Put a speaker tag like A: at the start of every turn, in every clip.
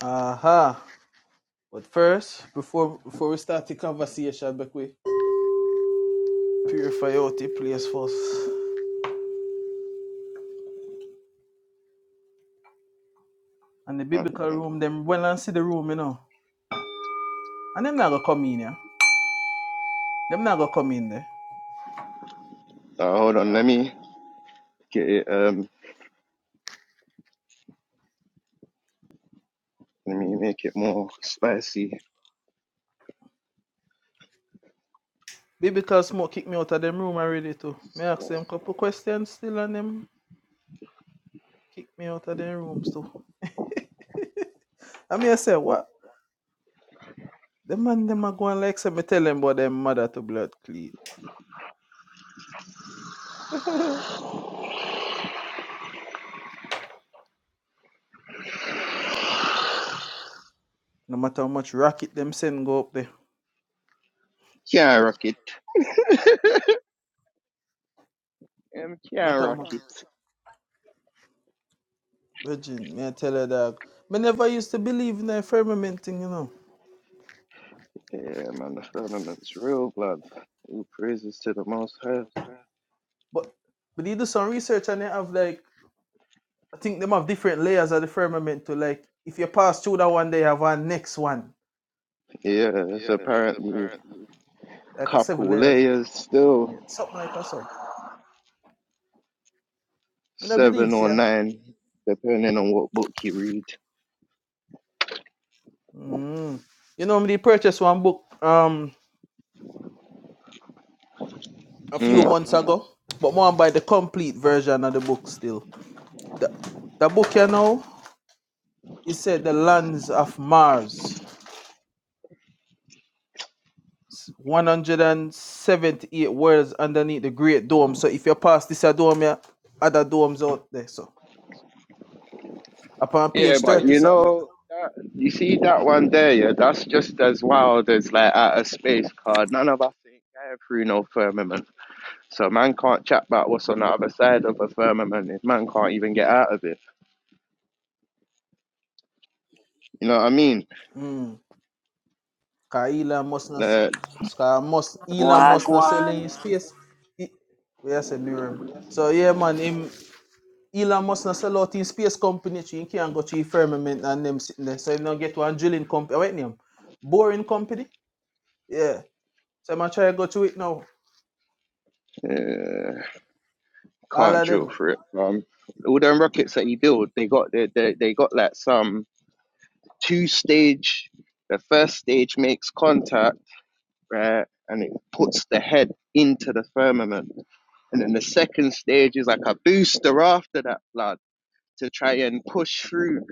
A: Aha. But first, before before we start the conversation, back we purify out the place first. And the
B: Uh,
A: biblical room, them well and see the room, you know. And them not gonna come in, yeah. Them not gonna come in there.
B: hold on, let me get it. Um, let me make it more spicy.
A: Biblical smoke kick me out of them room already too. Me ask them couple questions still and them kick me out of them rooms too. I mean I say
B: Well,
A: what? The man them are going like say me tell them about them mother to blood clean. No matter how much rocket them send go up there.
B: Can't rock Um,
A: No matter
B: can't
A: how much. Virgin, may I tell her that I never used to believe in the firmament thing, you know.
B: Yeah, man, the firmament's real blood. All praises to the Most High.
A: But but they do some research and they have like I think them have different layers of the firmament to like if you pass through that one they have a next one.
B: Yeah, there's apparently a
A: Like a seven
B: couple
A: layers.
B: layers still,
A: Yeah. Something like that so. I don't believe
B: seven or
A: yeah.
B: nine, depending on what book you read.
A: Mm. You know me purchased one book um a few
B: Hmm.
A: months ago. But one buy the complete version of the book still. The the book you know, it said the lands of Mars. 178 words underneath the great dome. So if you pass this a dome, yeah, other domes out there. So upon
B: Yeah,
A: page 30
B: but
A: Yeah,
B: you
A: something. like
B: know,
A: that.
B: that, you see that one there, yeah, that's just as wild as like at a space card. None of us ain't going through no firmament. So man can't chat about what's on the other side of a firmament if man can't even get out of it. You know what I mean?
A: Mm. Cause Elon must not s-
B: Like,
A: cause must Elon must not sell in
C: Wagwan.
A: his space. E- Yeah, say Miriam. So yeah man, him Elon must not sell out in space company. so He can't go to the firmament and them sitting there. So he do get one drilling company. Wait name. Boring company? Yeah. So I'm try to go to it now.
B: uh,
A: All
B: can't
A: of
B: drill
A: them.
B: for it. Um, all them rockets that he built, they got they, they, they got like some two stage. The first stage makes contact, right, and it puts the head into the firmament And then the second stage is like a booster after that blood to try and push through,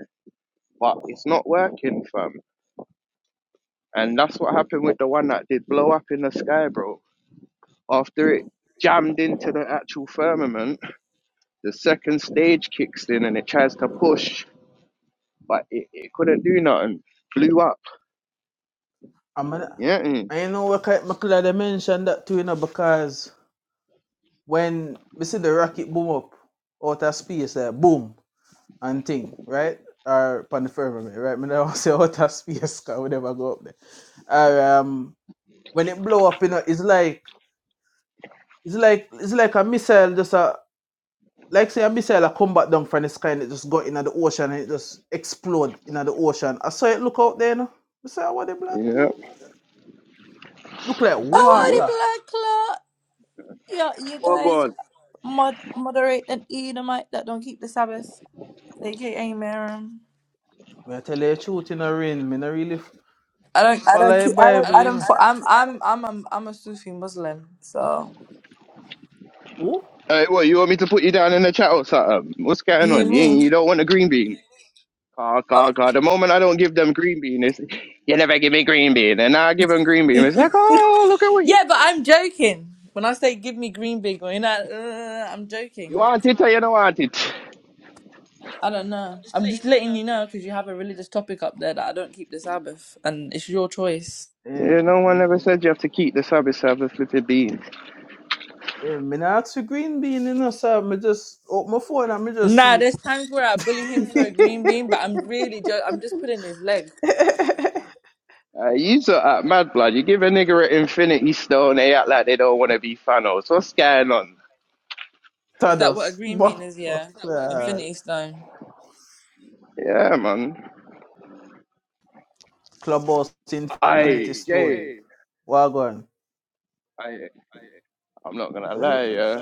B: but it's not working, fam. And that's what happened with the one that did blow up in the sky, bro. After it jammed into the actual firmament, the second stage kicks in and it tries to push, but it, it couldn't do nothing. Blew up.
A: I'm gonna,
B: Yeah, mm.
A: and you know what kind McLeod mentioned that too, you know, because when we see the rocket boom up out of space, uh, boom and thing, right? Or upon the firmament, right? I don't say out of space because we never go up there. Or um, when it blow up, you know, it's like it's like it's like a missile just a like say a missile a come back down from the sky and it just got into the ocean and it just explode into the ocean. I saw it look out there, you know. I say, what the blood
B: yeah,
A: clean? Look like
C: Oh,
B: yeah.
C: the
A: water.
C: black clock. Yeah, you
D: Oh
C: guys
D: God,
C: mod- moderate that Edomite that don't keep the Sabbath, aka Miriam.
A: May I tell you the truth in the rain, me not really f-
C: I don't, I
A: follow
C: don't,
A: the I
C: keep, I don't,
A: Bible, you
C: I
A: don't,
C: don't.
A: know. I
C: fo-
A: don't
C: I'm,
A: care.
C: I'm, I'm, I'm, I'm a Sufi Muslim. So
A: Oh?
B: Hey, what, you want me to put you down in the chat or something? What's going
C: you
B: on?
C: hear
B: You,
C: me?
B: you don't want a green bean? Call,
C: Uh,
B: call, call. The moment I don't give them green bean, it's you never give me green bean, and now I give them green bean. It's like, oh, look at what you
C: yeah,
B: did.
C: but I'm joking. When I say give me green big, you know, uh, I'm joking.
B: You want it or you don't want it.
C: I don't know. I'm just letting you know because you have a religious topic up there that I don't keep the Sabbath, and it's your choice.
A: Eh,
B: Yeah, no one ever said you have to keep the service of the flipping beans.
A: eh, me not ask for green bean, you know, so me just open my phone and me just
C: Nah,
A: see
C: there's times where I bully him for a green
A: it.
C: bean, but I'm really just I'm just pulling his leg.
B: Uh, you so uh, mad blood. You give a nigger an infinity stone, they act like they don't want to be Thanos. What's going on?
C: Is that what a
A: Todos.
C: green bean
A: But,
C: is?
A: Is that what
C: Yeah,
A: green uh,
C: Infinity
A: bean is?
C: Stone.
B: Yeah, man.
A: Clubhouse Infinity
B: I
A: Stone.
B: Jay,
A: Wagon.
B: I I'm not gonna lie, yeah.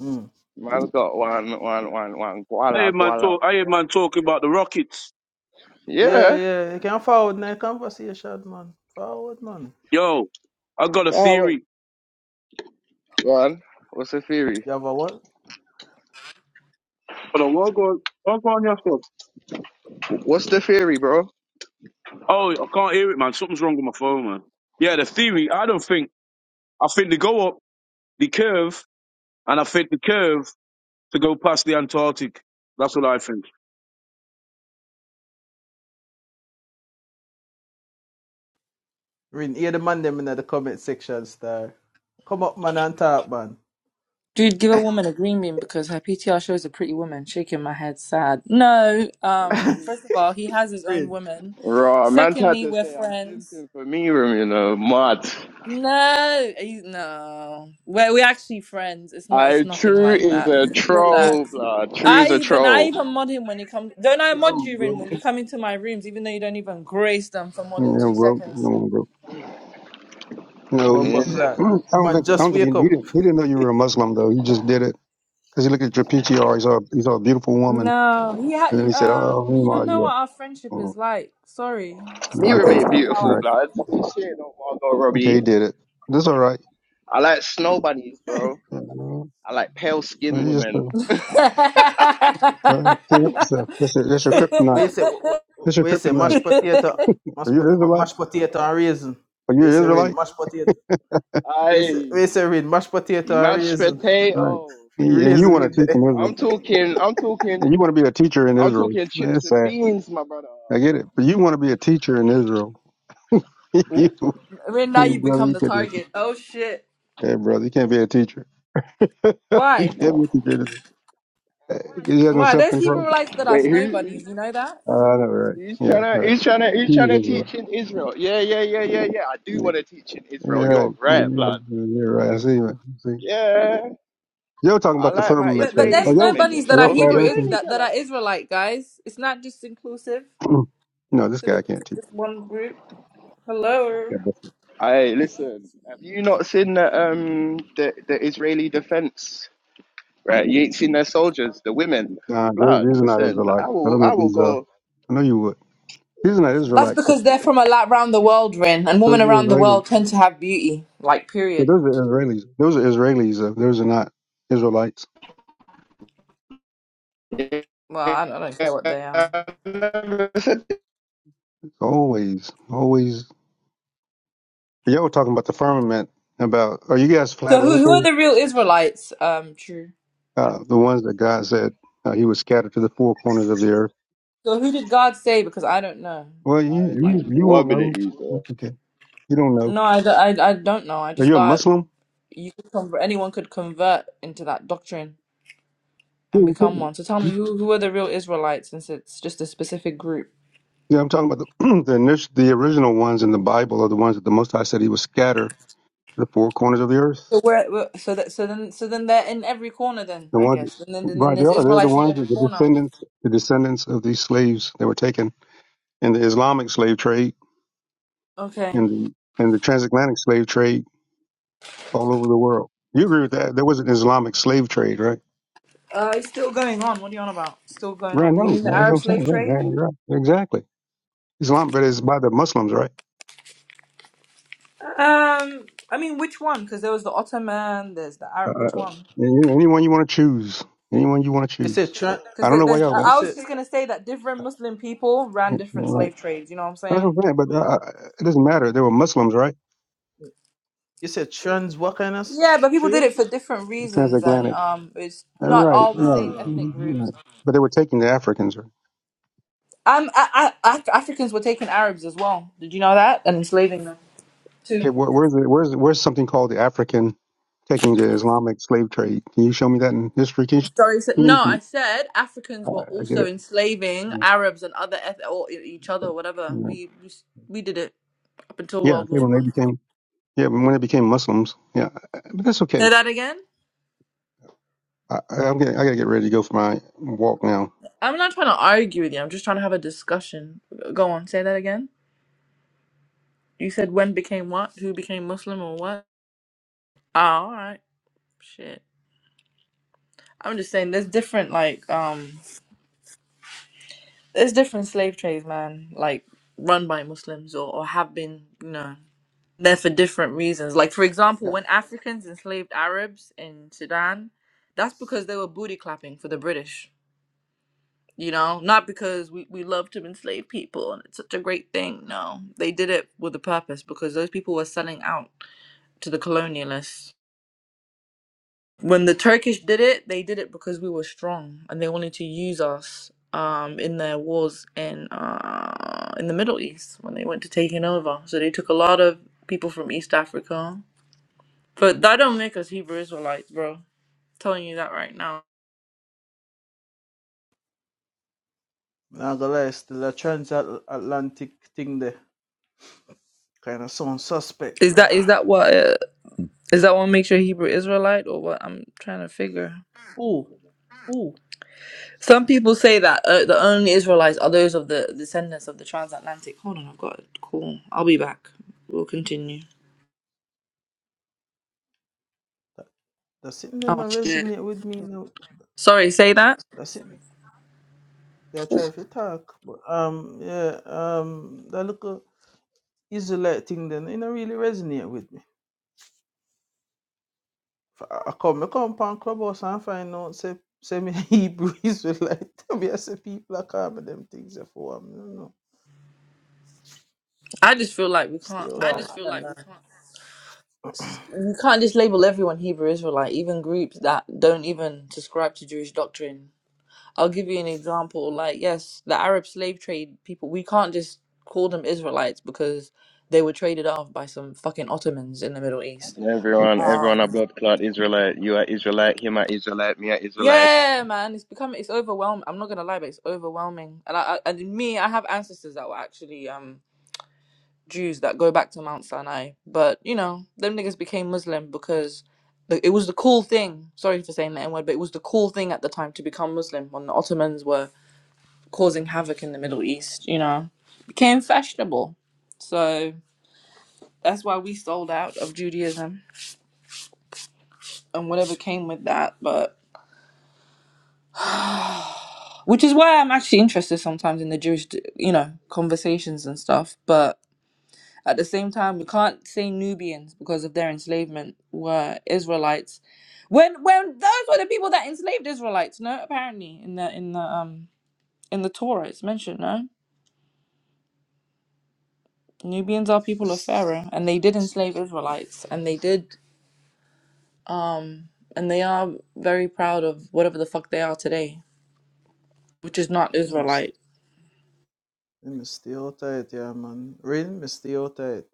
A: Mm.
B: Man's got one, one, one, one.
D: I hear
B: Guala,
D: man
B: guala.
D: talk. I hear man talk about the Rockets.
A: Yeah,
B: Yeah.
A: yeah. You can forward now conversation, man. Forward, man.
D: Yo, I got a
B: Wow.
D: theory.
B: One. What's the theory?
A: You have a what?
D: But I what God, what God, yes, God.
B: What's the theory, bro?
D: Oh, I can't hear it, man. Something's wrong with my phone, man. Yeah, the theory. I don't think. I think they go up the curve, and I think the curve to go past the Antarctic. That's what I think.
A: Read, hear the man them in the comment section, star. Come up, man, and talk, man.
C: Dude, give a woman a green bean because her PTR shows a pretty woman. Shaking my head, sad. No, um, first of all, he has his own
A: afraid.
C: woman.
B: Raw man tried
C: Secondly,
B: to
C: we're
B: say I'm
C: friends.
B: simping for Miram, you know, mad.
C: No, he's, no, we're we actually friends. It's not. It's
B: I
C: nothing
B: true
C: like
B: is
C: that.
B: a
C: Relax.
B: troll, blood. True is
C: I
B: a
C: even I
B: troll.
C: even mod him when he comes. Don't I mod
E: No,
C: you in
E: bro.
C: when you come into my rooms, even though you don't even grace them for more
E: No,
C: than
E: no,
C: two
E: bro. Come
C: seconds?
E: bro. No, he,
A: Bumper
B: Yeah.
E: he, I
A: clock.
E: don't
A: Man,
E: think. I
A: just
E: don't think
A: wake
E: he, he
A: up.
E: didn't. He didn't know you were a Muslim though. He just did it because he looked at your PTR. He saw he saw a beautiful woman,
C: No, he
E: and then
C: ha-
E: he said,
C: um.
E: "Oh,
C: You
E: who am
C: don't
E: I?
C: know
E: You
C: what
E: up?"
C: our friendship
E: Oh,
C: is like. Sorry, it's
E: yeah,
C: not
B: Miram
E: okay,
B: ain't
C: based on
E: all
C: how I
B: beautiful,
E: right.
C: look.
B: blood. This shit don't want
E: Okay,
B: Robbie.
E: he did it. That's all right.
B: I like snow bunnies, bro.
E: Yeah, man.
B: I like pale skinned
E: Well, you just
B: women.
E: uh, well, can't help yourself. That's your, that's your
A: Where where
E: kryptonite.
A: you say?
E: That's your
A: Where you say?
E: kryptonite.
A: Mashed potato,
E: Are
A: mashed,
E: you
A: po- ma-
E: Israelite?
A: mashed potato and raisin.
E: Are you
A: Where you
E: an
A: say rain?
E: Israelite?
A: Mashed potato. Where you say,
B: I
A: where you say rain? Mashed potato and
B: mashed
A: raisin
E: All Right.
B: potato.
A: with
E: He- And you
A: raisin
E: want to
A: in
E: teach in
A: there.
B: I'm
E: Israel,
B: talking. I'm talking.
E: and you want to be a teacher in
B: I'm
E: Israel.
B: talking
E: Man,
B: chips
E: it's
B: and
E: sad.
B: beans, my brother.
E: I get it, but you want to be a teacher in Israel.
A: Oh,
E: you
C: I mean, now
E: Hey,
C: you
E: brother,
C: become
E: you
C: the
E: can't be a teacher.
C: target. Oh shit!
E: Hey, brother, you can't be a teacher. you
C: Why?
E: can't be a teacher. He has no
C: Why?
E: self
C: There's
E: control.
C: Hebrewites that are
B: Wait,
C: snow
B: who?
C: bunnies. You know that.
E: I know, right?
B: He's trying
E: Yeah,
B: to,
E: right.
B: he's trying to, he's
E: He's
B: trying
E: a
B: to
E: real
B: teach in Israel. Yeah, yeah, yeah, yeah, yeah. I do
E: nigga.
B: want to teach in Israel.
E: You're right.
B: You're right, blood.
E: Mm-hmm. You're right.
B: Uh,
E: I see man. I see.
B: Yeah,
E: Y'all talking
B: I
E: about the
B: like my
E: firmament,
C: But but
E: though.
C: there's
B: Israeli
E: Are
C: snow
E: y'all,
B: women, you
C: bunnies that
E: are
C: are
E: y'all
B: know,
E: flat
C: Hebrew is
E: earthers?
B: Israeli
C: that that
B: girl.
C: are Israelite guys. It's not just inclusive.
E: no, this
C: to, the,
E: guy can't
C: to
E: teach.
C: this one group. Hello.
E: God bless him.
B: Hey, listen. Have you not seen the um the, the Israeli defense? Right, you ain't seen their soldiers, the women.
E: Nah, they-
B: Blood.
E: these are not
B: Listen,
E: Israelites.
B: I
E: I
B: will,
E: don't know
B: I
E: what
B: will
E: these are.
B: go.
E: I know you would. These are not
C: That's
E: Israelites. but
C: because they're from a lot around the world, Rin, and women
E: Those are
C: around the
E: Israelis.
C: world tend to have beauty. Like,
E: Yeah,
C: period.
E: those are Israelis. Those are Israelis. uh, Those are not Israelites.
C: Well, I don't, I don't care what they are.
E: Always, always. Y'all were talking about the firmament. About are you guys
C: So,
E: flat
C: who who are
E: earthers?
C: the real Israelites? Um, true.
E: Uh, the ones that God said uh, He was scattered to the four corners of the earth.
C: So, who did God say? Because I don't know.
E: Well,
B: I
E: you
C: Like,
E: you you won't
B: one minute,
E: know.
B: you.
E: That's okay. You don't know.
C: no, I, don't- I, I don't know. I
E: Are
C: just
E: you a
C: thought
E: Muslim?
C: you could convert, anyone could convert into that doctrine
E: Yeah,
C: and
E: you can't-
C: become one. So, tell me,
E: you-
C: who who are the real Israelites? Since it's just a specific group.
E: yeah, I'm talking about the the, initial, the original ones in the Bible are the ones that the Most High said He was scattered to the four corners of the earth.
C: So where, where- so that, so then, so then they're in every corner. Then
E: The
C: I
E: ones,
C: guess, and then, and then
E: right? They
C: there's
E: are. They're the
C: Israelites in
E: ones
C: every
E: that the
C: corner.
E: descendants, the descendants of these slaves that were taken in the Islamic slave trade,
C: Okay,
E: in the in the transatlantic slave trade all over the world. You agree with that? There was an Islamic slave trade, right?
C: uh, it's still going on. What are you on about? Still going
E: Right.
C: on. You
E: No,
C: mean the
E: man, that's what
C: Arab
E: I'm
C: slave
E: saying. Right,
C: trade?
E: man, you're right. Exactly. Islam, but it's by the Muslims, right?
C: Um, I mean which one? Because there was the Ottoman. There's the
E: Uh,
C: Arab. Which one?
E: and, you anyone you want to choose, anyone you want to
A: you said
E: choose.
A: trans.
E: I
C: Because
E: don't
C: there,
E: know why
C: there's.
E: y'all
A: You
C: I
E: want.
C: I was
A: said
C: just gonna say that different Muslim people ran different
E: Right.
C: slave trades. You know what I'm
E: That's what
C: saying?
E: I'm saying. But uh,
A: wait,
E: uh, it doesn't matter. They were Muslims, right?
A: you said trans. What kind of
C: Yeah,
A: s-
C: but people did
A: trade?
C: it for different reasons, and
E: Transatlantic.
C: um, it's
E: Uh,
C: not
E: Right.
C: all the
E: Right.
C: same
A: Nah,
C: ethnic
E: mhm,
C: groups.
E: right. But they were taking the Africans. Right?
C: Um, I, I, Af- Africans were taking Arabs as well. Did you know that? And enslaving them. Two.
E: Okay. Where, where's the, where's where's something called the African taking the Islamic slave trade? Can you show me that in history? Can you, can
C: Sorry, so,
E: you give me
C: no, I
E: some?
C: said Africans were
E: Uh, I get
C: also enslaving
E: it.
C: Arabs and other eth- or e- each other, or whatever.
E: Right.
C: We, we s- we did it up until
E: Yeah, I
C: World
E: think
C: War
E: when they
C: One.
E: became yeah when they became Muslims. Yeah, but that's
C: Say
E: okay.
C: that again.
E: I, I- I'm getting, I gotta get ready to go for my walk now.
C: I'm not trying to argue with you. I'm just trying to have a discussion. Go on, say that again. You said when became what? Who became Muslim or what? Ah, all right. Shit. I'm just saying there's different like um there's different slave trades, man. Like run by Muslims or, or have been, you know. They're for different reasons. Like for example,
A: that,
C: when Africans enslaved Arabs in Sudan, that's because they were booty clapping for the British. You know, not because we, we love to enslave people and it's such a great thing. No, they did it with a purpose because those people were selling out to the colonialists. When the Turkish did it, they did it because we were strong and they wanted to use us um, in their wars in uh, in the Middle East when they went to taking over. So they took a lot of people from East Africa But that don't make us Hebrew Israelites, bro. telling you that right now.
A: nah, gonna lie, still a transatlantic thing there. Kind of sound suspect,
C: Is that
A: brother.
C: is that what uh, is that what makes you a Hebrew Israelite or what? I'm trying to figure.
A: Ooh, ooh.
C: Some people say that uh, the only Israelites are those of the descendants of the transatlantic. Hold on, I've got a call. I'll be back. We'll continue.
A: Doesn't then
C: Oh shit!
A: resonate with me now.
C: Sorry, say that.
A: That's it. They are trying to talk, but um, yeah, um, that little Israelite thing then, it don't really resonate with me. F- I I come, I come pan clubhouse and find out say say me Hebrew Israelite. Me I say people are calling them things for me. No, no,
C: I just feel like we
A: stay
C: can't.
A: I outside.
C: Well, I don't know. S- You can't just label everyone Hebrew Israelite, even groups that don't even subscribe to Jewish doctrine. I'll give you an example. Like, yes, the Arab slave trade people, we can't just call them Israelites because they were traded off by some fucking Ottomans in the Middle East.
B: Everyone, everyone
C: Um,
B: a blood clot Israelite. You are Israelite, him a Israelite, me a Israelite.
C: yeah, man, it's become it's overwhelming. I'm not gonna lie, but it's overwhelming. And I, I and me, I have ancestors that were actually um Jews that go back to Mount Sinai, but you know, them niggas became Muslim because the, it was the cool thing. Sorry for saying the N word, but it was the cool thing at the time to become Muslim when the Ottomans were causing havoc in the Middle East, you know, became fashionable. So that's why we sold out of Judaism and whatever came with that. But which is why I'm actually interested sometimes in the Jewish, you know, conversations and stuff. But at the same time, we can't say Nubians because of their enslavement were Israelites. When when those were the people that enslaved Israelites, no, apparently in the in the um in the Torah it's mentioned, no. Nubians are people of Pharaoh, and they did enslave Israelites, and they did Um, and they are very proud of whatever the fuck they are today, which is not
A: You must,
C: Israelite.
A: you must stay outside, yeah, man. Rain, must stay outside.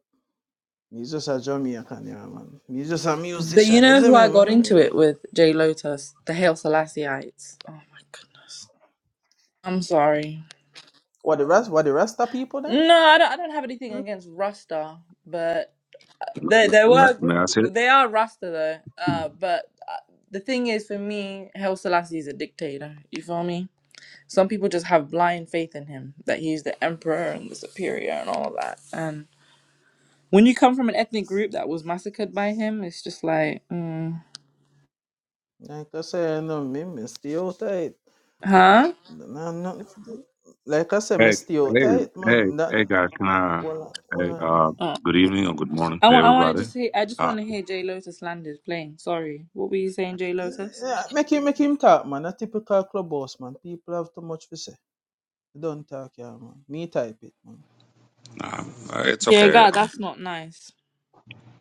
A: Me just a Jamaican, yeah, man. Me just a
C: But you
A: musician,
C: know who
A: isn't me,
C: I got into
A: man?
C: it with? Jay Lotus, the Hail Selassieites. Oh my goodness. I'm sorry.
A: What the rest? What the rest of people then?
C: No, I don't, I don't have anything against Rasta, but they, they
F: May,
C: were a
F: may
C: group-
F: I say it?
C: they are Rasta though. Uh, but uh, the thing is, for me, Hail Selassie is a dictator. You feel me? Some people just have blind faith in him that he's the emperor and the superior and all of that. When you come from an ethnic group that was massacred by him, it's just like, mm,
A: Like I said, no, me, me still tight.
C: huh?
A: No, no, like I said, me
F: Hey,
A: still
F: hey,
A: tight,
F: hey,
A: man. That
F: hey, guys. Can I?
A: well,
F: Hey,
A: well,
F: uh,
C: Oh.
F: good evening or good morning
C: I
F: to
C: want. I want to
F: everybody.
C: just. Hear, I just
F: Uh,
C: want to hear Jay Lotus landed playing. Sorry, what were you saying, Jay Lotus?
A: yeah, make him make him talk, man. A typical club boss, man. People have too much to say. They Don't talk, yeah, man. Me type it, man.
F: nah, uh, it's
C: Yeah,
F: okay.
C: God,
F: Um,
C: that's not nice.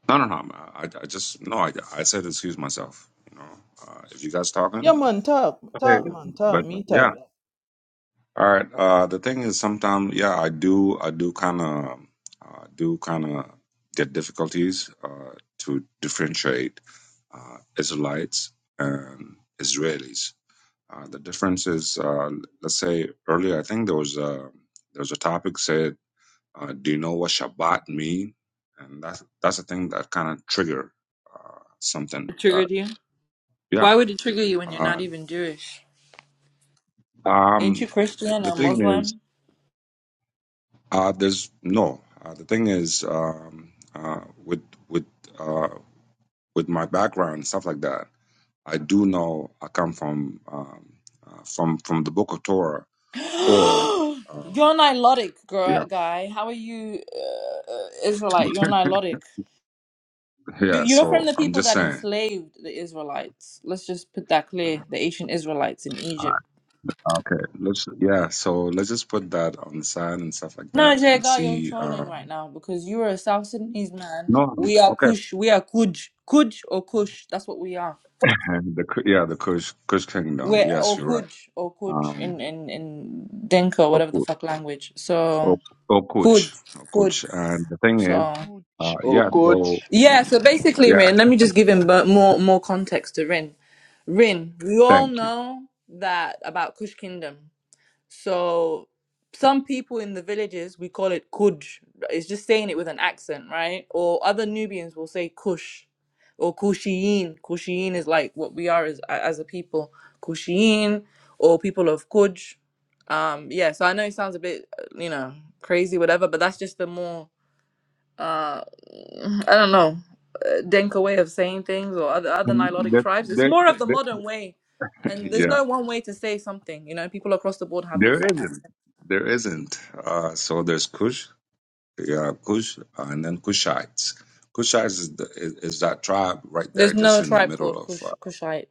F: No, no, no. I, I just no. I, I said excuse myself. You know, uh, if you guys talking,
A: Yeah, man, talk,
F: okay.
A: talk, man, talk.
F: But
A: Me
F: yeah,
A: type.
F: all right. Uh, the thing is, sometimes yeah, I do, I do kind of, uh, do kind of get difficulties uh, to differentiate uh, Israelites and Israelis. Uh, the difference is, uh, let's say earlier, I think there was a, there was a topic said, uh, do you know what Shabbat mean? And that's that's the thing that kind of trigger uh, something.
C: It
F: That,
C: triggered you.
F: yeah.
C: Why would it trigger you when you're not
F: Uh,
C: even Jewish? Ain't you
F: um,
C: Christian
F: the
C: or
F: thing is,
C: Muslim?
F: uh, there's no. Uh, the thing is, um, uh, with with uh, with my background and stuff like that, I do know I come from um, uh, from from the Book of Torah
C: you're
F: or. Um,
C: Nilotic, girl, guy. How are you, uh, uh, Israelite? You're Nilotic. You,
F: Yeah,
C: you're from
F: so
C: the
F: I'm
C: people
F: just
C: that
F: saying.
C: enslaved the Israelites. Let's just put that clear. The ancient Israelites in Egypt.
F: Okay, let's yeah, so let's just put that on the side and stuff like
C: No,
F: that
C: Jay
F: and
C: Gar, you're
F: see
C: trolling
F: um
C: right now because you are a South Sudanese man.
F: no, um,
C: We are
F: okay.
C: Kush. We are Kuj. Kuj or Kush. That's what we are.
F: And the Ku- yeah, the Kush Kush Kingdom.
C: We're
F: Yes,
C: or
F: you're right.
C: Kuj or Kuj
F: Um
C: in in in Dinka, whatever the
F: Oku-
C: fuck language. So
F: Ok-
C: Kuj,
F: Okuch.
C: Kuj.
F: Okuch. And the thing is,
C: So
B: Oh coach,
F: uh
B: oh
F: yeah, so
B: coach.
C: yeah. So basically,
F: yeah,
C: Rin. Let me just give him bu- more more context to Rin. Rin. We all
F: thank you.
C: know that about Kush Kingdom. So some people in the villages we call it kuj. It's just saying it with an accent, right? Or other Nubians will say kush or kushiyin. Kushiyin is like what we are as as a people, kushiyin or people of kuj. Um, yeah. So I know it sounds a bit, uh, you know, crazy, whatever, but that's just the more uh, I don't know. uh, Denka way of saying things, or other other
F: Um,
C: Nilotic
F: There,
C: tribes. It's
F: there,
C: more of the
F: there,
C: modern way, and there's
F: yeah,
C: no one way to say something. You know, people across the board have
F: there
C: different accents.
F: isn't. There isn't. Uh so there's Kush Yeah, Cush, and then Cushites. Cushites is, the, is is that tribe right
C: There's
F: there, just
C: no
F: in the
C: tribe
F: middle
C: called
F: of.
C: Kush
F: Uh,
C: Kushite.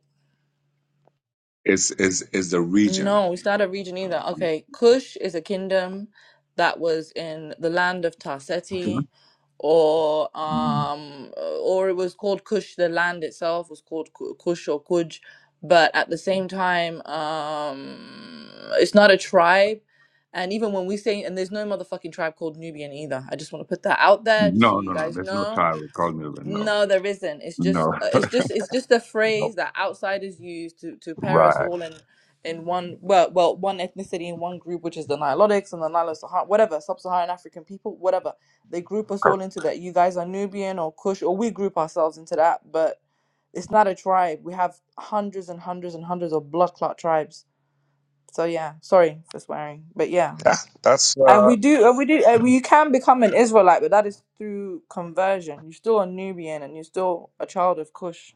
F: is is is the region?
C: No, it's not a region
F: of-
C: either. Okay, Kush is a kingdom that was in the land of Tarseti, or
F: Mhm.
C: um, or it was called Kush. The land itself was called Ku- Kush or Kuj, but at the same time, um, it's not a tribe. And even when we say, and there's no motherfucking tribe called Nubian either. I just want to put that out there, just so
F: No,
C: you
F: no, no.
C: guys
F: There's no
C: know.
F: tribe called me enough.
C: No, there isn't. It's
F: No,
C: just uh, it's just it's just a phrase
F: no.
C: that outsiders use to to pair us
F: Right.
C: all in in one well well one ethnicity in one group, which is the Nilotics and the Nilo Sahara whatever sub-Saharan African people, whatever. They group us all
F: Correct.
C: into that. You guys are Nubian or Kush, or we group ourselves into that. But it's not a tribe. We have hundreds and hundreds and hundreds of blood clot tribes. So yeah, sorry for swearing, but yeah.
F: Yeah, that's
C: And
F: uh,
C: we do, and we do, and you can become an Israelite, but that is through conversion. You're still a Nubian and you're still a child of Cush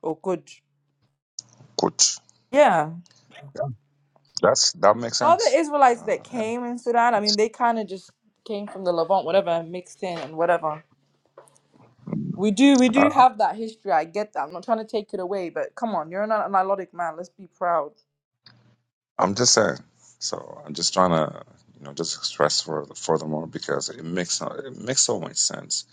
C: or Kuj.
F: Kush.
C: Yeah.
F: Yeah, that's that makes
C: All the
F: sense.
C: Israelites that
F: Uh,
C: came in Sudan, I mean, they kind of just came from the Levant, whatever, mixed in and whatever. We do, we
F: yeah.
C: do have that history. I get that. I'm not trying to take it away, but come on, you're an Nilotic man. Let's be proud.
F: I'm just saying. So I'm just trying to, you know, just express for furthermore because it makes no- it makes so much sense.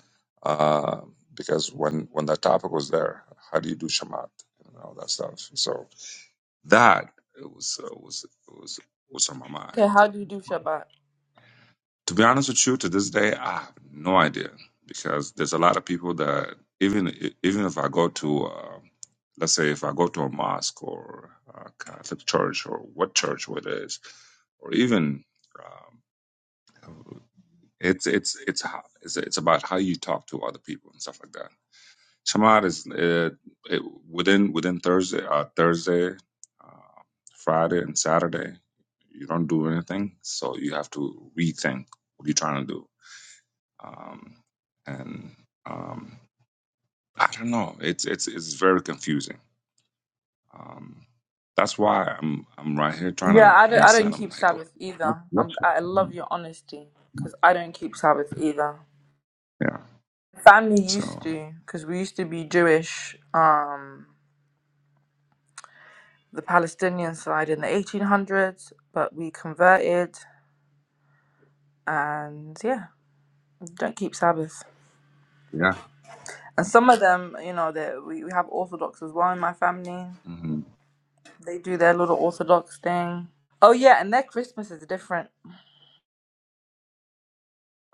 F: Uh, because when when that topic was there, how do you do shamat and all that stuff? So that it was uh, was was was on my
C: Okay,
F: mind.
C: how do you do Shabbat?
F: To be honest with you, to this day, I have no idea because there's a lot of people that even e, even if I go to, uh, let's say, if I go to a mosque or a Catholic church or what church it is, or even um, it's it's it's how it's it's about how you talk to other people and stuff like that. Shamad is uh, it, within within Thursday, uh, Thursday, uh, Friday, and Saturday. You don't do anything, so you have to rethink what you're trying to do um, and um, I don't know. It's it's it's very confusing. Um, that's why I'm I'm right here trying
C: Yeah,
F: to
C: I don't, I don't
F: understand. I'm
C: keep
F: like, okay,
C: Sabbath
F: what
C: either.
F: what?
C: I'm,
F: Should,
C: I
F: I
C: love your
F: do?
C: honesty because I don't keep Sabbath either.
F: yeah.
C: Family used
F: So
C: to, because we used to be Jewish, um, the Palestinian side in the 1800s, but we converted and yeah, don't keep Sabbath.
F: yeah.
C: And some of them, you know, that we, we have Orthodox as well in my family.
F: hmm
C: They do their little Orthodox thing. Oh yeah, and their Christmas is different.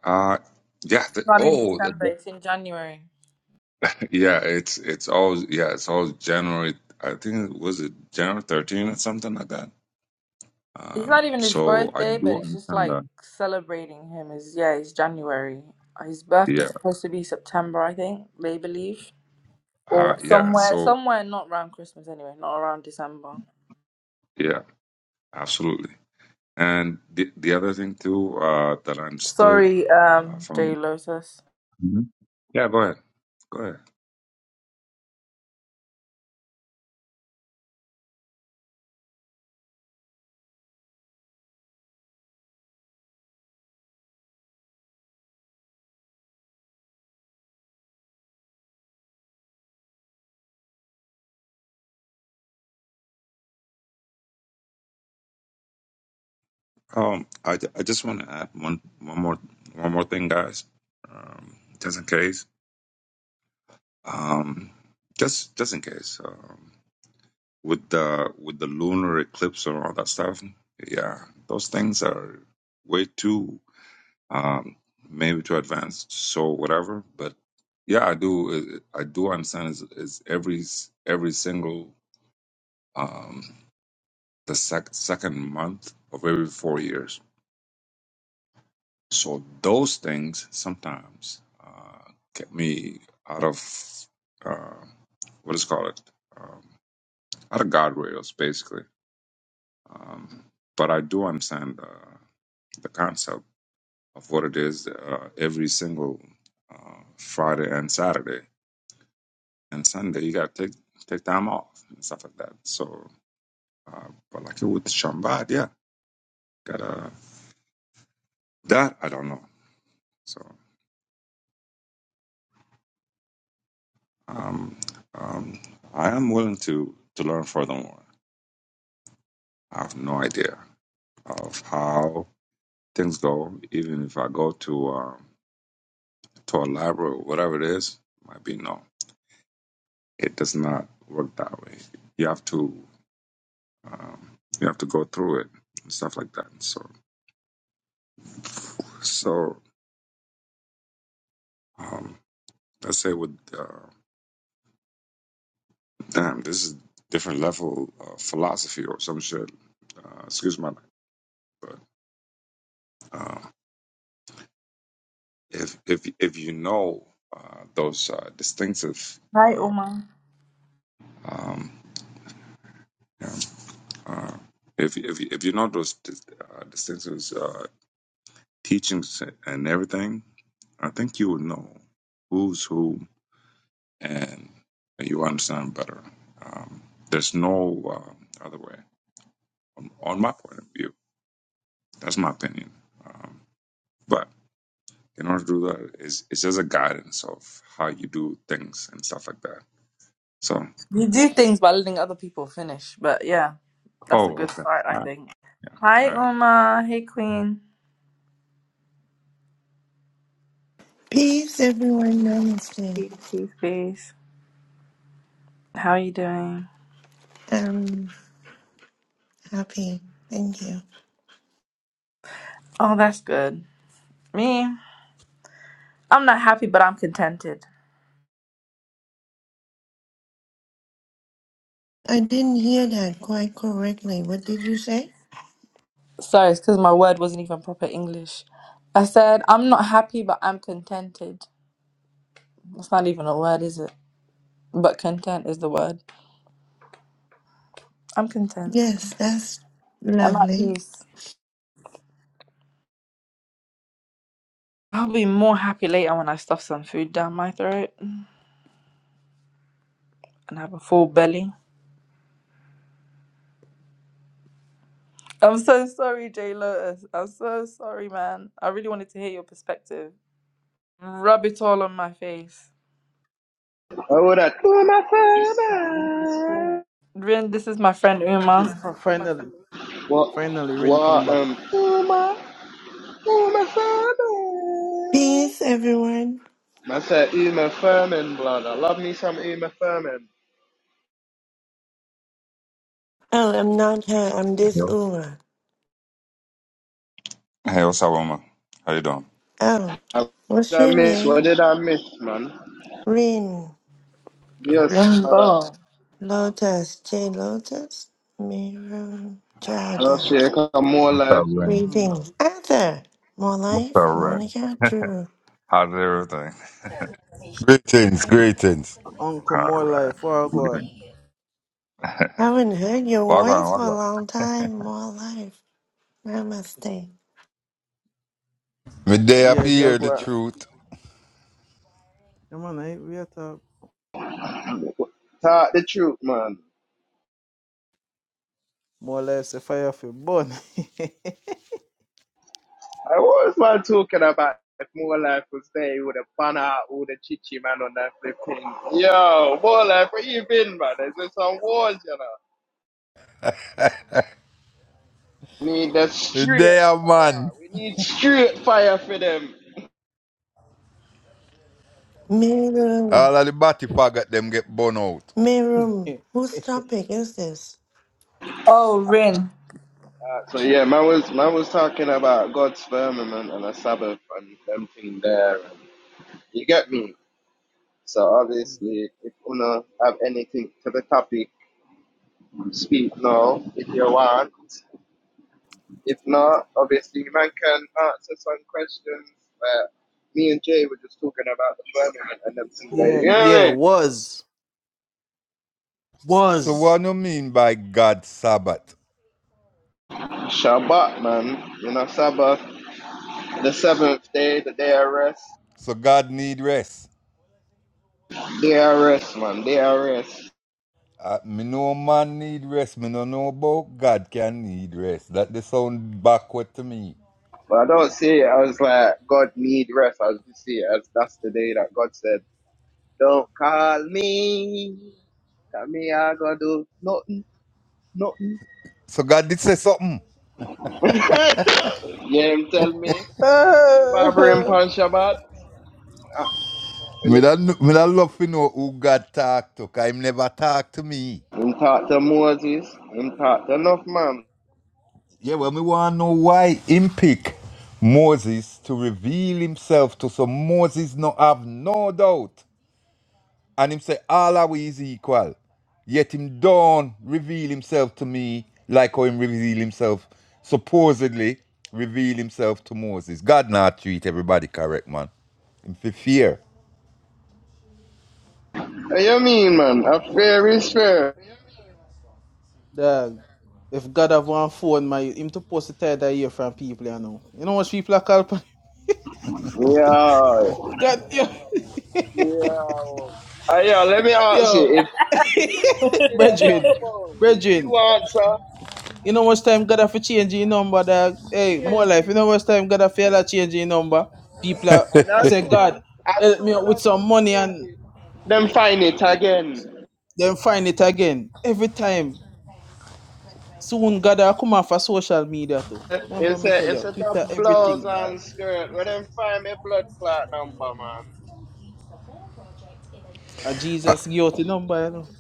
F: Uh, yeah.
C: It's
F: The,
C: not in
F: oh, the,
C: December, it's
F: the-
C: in January.
F: yeah. It's it's always yeah. It's always January. I think it was it January 13th or something like that.
C: It's
F: Um,
C: not even his
F: so I
C: birthday,
F: do
C: but it's just
F: understand
C: like
F: that.
C: celebrating him is yeah, it's January. His
F: Yeah.
C: birthday's supposed to be September, I think, they believe.
F: Uh,
C: Or
F: yeah.
C: somewhere,
F: So
C: somewhere not around Christmas anyway, not around December.
F: yeah. Absolutely. And the, the other thing too uh, that I understood
C: Sorry,
F: uh,
C: um, J
F: from
C: Lotus.
F: Mhm. yeah, go ahead, go ahead. Um, I, ju- I just want to add one one more one more thing, guys, um, just in case. Um, just just in case um, with the with the lunar eclipse and all that stuff. Yeah, those things are way too um, maybe too advanced. So whatever, but yeah, I do I do understand is, is every every single um, the sec- second month of every four years. So those things sometimes uh, get me out of uh, what is called it um, out of guardrails, basically. Um, but I do understand uh, the concept of what it is uh, every single uh, Friday and Saturday and Sunday. You got to take take time off and stuff like that. So, uh, but like it with Shambad, yeah, gotta that I don't know. So. Um, um, I am willing to to learn furthermore. I have no idea of how things go. Even if I go to um, to a library or whatever it is, might be no. It does not work that way. You have to um, you have to go through it and stuff like that. So so um, let's say with uh, damn, this is different level of philosophy or some shit. Uh, excuse my language, if if if you know uh, those uh, distinctive,
C: Hi,
F: uh,
C: Uma.
F: um, you know, uh, if if if you know those dis- uh, distinctive uh, teachings and everything, I think you would know who's who, and you understand better. Um, there's no uh, other way, on, on my point of view. That's my opinion. Um, but in order to do that, it's, it's just a guidance of how you do things and stuff like that. So,
C: You do things by letting other people finish, but yeah, that's a
F: oh,
C: good
F: okay,
C: start, I
F: all right,
C: think. Hi,
F: all right.
C: Uma. Hey, Queen.
G: Peace, everyone. Namaste.
C: Peace, peace, peace. How are you doing?
G: I'm happy. Thank you.
C: Oh, that's good. Me, I'm not happy, but I'm contented.
G: I didn't hear that quite correctly. What did you say?
C: Sorry, it's because my word wasn't even proper English. I said, I'm not happy, but I'm contented. It's not even a word, is it? But content is the word. I'm content.
G: Yes, that's
C: I'm at
G: lovely.
C: peace. I'll be more happy later when I stuff some food down my throat and have a full belly. I'm so sorry, Jay Lotus. I'm so sorry, man. I really wanted to hear your perspective. Rub it all on my face.
B: I would have to my father.
C: Rin, this is my friend
A: Jeez,
C: Uma.
A: fi- finally,
B: What
A: finally, rain come
B: what
A: back.
B: um to my to my father.
G: Peace, everyone.
B: I said Uma Furman blood. I love me some Uma Furman.
G: Oh, I'm not her. I'm this
F: Yo,
G: Uma.
F: Hey, what's up, Wilma? How you doing?
G: Oh,
B: What did
G: what's
B: I
G: your
B: miss? What
G: name?
B: did I miss, man?
G: Rin
B: Yes,
C: Rin
B: madam.
C: Bo.
G: Lotus. J Lotus. Miru Jaga.
B: Okay, come more
F: what's up,
B: life.
F: Ren?
A: Mm.
G: Reading. Arthur. More
F: What's up,
G: life.
F: Ren?
G: Monica. Drew.
F: How's everything?
H: Greetings, greetings.
A: Uncle,
F: All
A: more
F: right.
A: life. Oh God.
F: Greeting. Log
G: Haven't heard your
F: on,
G: voice for
F: log
G: a
F: on.
G: long time. More life. Namaste.
H: Me day up
A: Yeah,
H: hear the
A: Jaguar.
H: truth.
A: Yeah, man, I we at a
B: Talk the truth, man.
A: more life. The fire for burn.
B: I was man talking about if more life was there, he would have banned out all the chichi man on that flipping. Yo, more life, where you been, man? There's just some wars, you know. We Need the
H: Me
B: straight
H: day a
B: fire.
H: man.
B: We need straight fire for them.
G: Mirum.
H: All of the body faggot them get burn out.
G: Mirum. Whose topic is this?
C: Oh, Rin.
B: Uh, so yeah, man was man was talking about God's firmament and the Sabbath and everything thing there. And You get me? So obviously, if you have anything to the topic, speak now if you want. If not, obviously, man can answer some questions that me and Jay were just talking about the firmament and them things. There.
A: yeah,
B: You
A: yeah,
B: know what
A: was
H: So
A: was.
H: what do you mean by God Sabbath?
B: I mean? Shabbat, man. You know, Sabbath, the seventh day, the day of rest.
H: So God need rest.
B: Day of rest, man. Day of rest.
H: Uh, me know man need rest. Me no know about God can need rest. That they sound backward to me.
B: But I don't see it as like God need rest. I just see it as that's the day that God said, "Don't call me, cause me I gotta do nothing, nothing." you
H: So God did say something.
B: know what I'm telling me? Nothing bothering
A: Ah,
B: on Shabbat. I And
H: Me
B: it,
H: that, me that love to know who God talk to. Cause him never talk to me.
B: I'm talk to Moses. I'm talk to enough man.
H: Yeah, well, me want to know why him pick Moses to reveal himself to so Moses no have no doubt. And him say, all our is equal. Yet him don't reveal himself to me like how him reveal himself, supposedly reveal himself to Moses. God not treat everybody correct, man. Him fi fear.
B: What you mean, man? A fair is fair.
A: Dog. If God have one phone, my him to post it that year from people, you know. You know what people are called?
B: Yeah.
A: God, yo,
B: Yeah. Uh, yeah, let me ask you.
A: yo,
B: If, if you did have that
A: brethren,
B: phone, would
A: brethren.
B: you answer
A: You know much time gotta for change your number dog. Hey, more
B: change
A: life. You
B: it?
A: know much time gotta feel that change your number. People are
B: And
A: I
B: as
A: say,
B: soon
A: God,
B: as
A: help me
B: soon
A: out with
B: as
A: some
B: him
A: money
B: change
A: and
B: it, them find it again.
A: then find it again. Every time. Soon God I come off for social media too. Remember
B: It's
A: me tell
B: a it's
A: you,
B: a
A: Twitter,
B: blouse
A: everything dog.
B: and skirt. Where them find my blood clot number,
A: A Jesus give out the number, you know.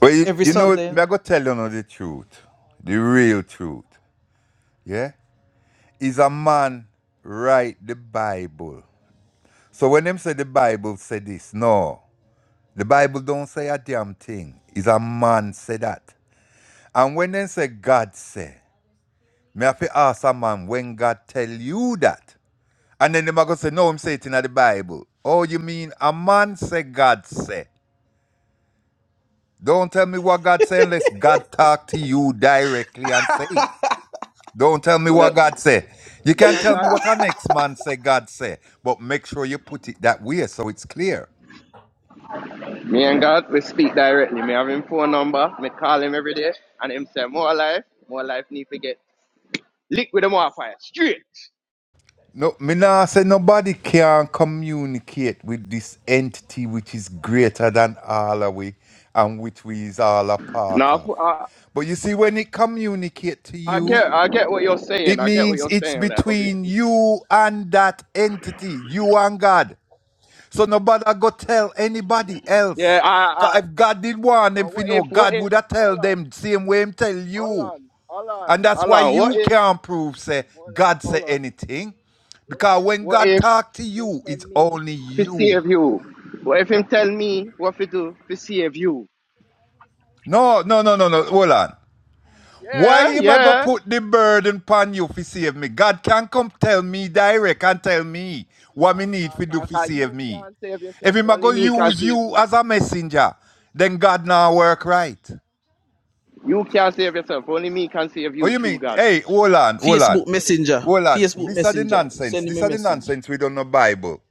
H: Well, you,
A: Every
H: you know,
A: Sunday, you
H: me I
A: know.
H: go tell you know the truth. The real truth. Yeah? Is a man write the Bible So when them say the Bible say this, no. The Bible don't say a damn thing. It's a man say that. And when them say God say, me have to ask a man when God tell you that. And then them are going say, no, I'm saying it in the Bible. Oh, you mean a man say God say. Don't tell me what God say unless God talk to you directly and say it. Don't tell me
B: man?
H: what God
B: Well,
H: say. You
B: me
H: can't
B: and
H: tell me
B: God
H: what our next man say God say. But make sure you put it that way so it's clear.
B: Me and God, we speak directly. Me have him phone number. Me call him every day, and him say more life, more life need to get lick with them more fire straight.
H: No, me nah say nobody can communicate with this entity which is greater than all of we and which we is all a part
B: Now
H: of.
B: I,
H: But you see, when it communicate to
B: I
H: you,
B: get, I get what you're saying.
H: it
B: I get what
H: means
B: you're
H: it's
B: saying. Like
H: between
B: obviously,
H: you and that entity, you and God. So nobody go tell anybody
B: yeah.
H: else.
B: I,
H: 'Cause
B: I.
H: if God did want them
B: So
H: to
B: what if,
H: know,
B: what
H: God
B: if?
H: would have tell
B: Hold on,
H: them same way him tell
B: hold
H: you.
B: on, hold on,
H: And that's
B: hold
H: why
B: on. What
H: you
B: if
H: can't prove say
B: more life?
H: God say
B: Hold on.
H: anything.
B: What
H: Because
B: if?
H: when
B: What
H: God
B: if?
H: talk to
B: Him
H: you,
B: tell
H: it's
B: me
H: only
B: to
H: you.
B: save you. What if him tell me what to do to save you?
H: No, no, no, no, no. Hold on. Why
B: Yeah,
H: am I go
B: yeah.
H: put the burden upon you for save me? God can come tell me direct and tell me
B: No,
H: what me need
B: God,
H: for do
B: God,
H: for
B: God,
H: save
B: you
H: me.
B: can't save
H: If
B: yourself.
H: him a
B: Only
H: go
B: me can
H: use
B: save
H: you
B: you,
H: as
B: true
H: a
B: God.
H: messenger, then God now work right.
B: You can't save yourself. Only me can save
H: Oh,
B: you,
H: you
B: true
H: mean?
B: God.
H: Hey, hold on, hold on.
A: Facebook Messenger.
H: Hold on.
A: Facebook
H: These are the
A: Messenger.
H: nonsense.
A: Send me
H: These
A: a
H: are the
A: message.
H: nonsense we don't know Bible.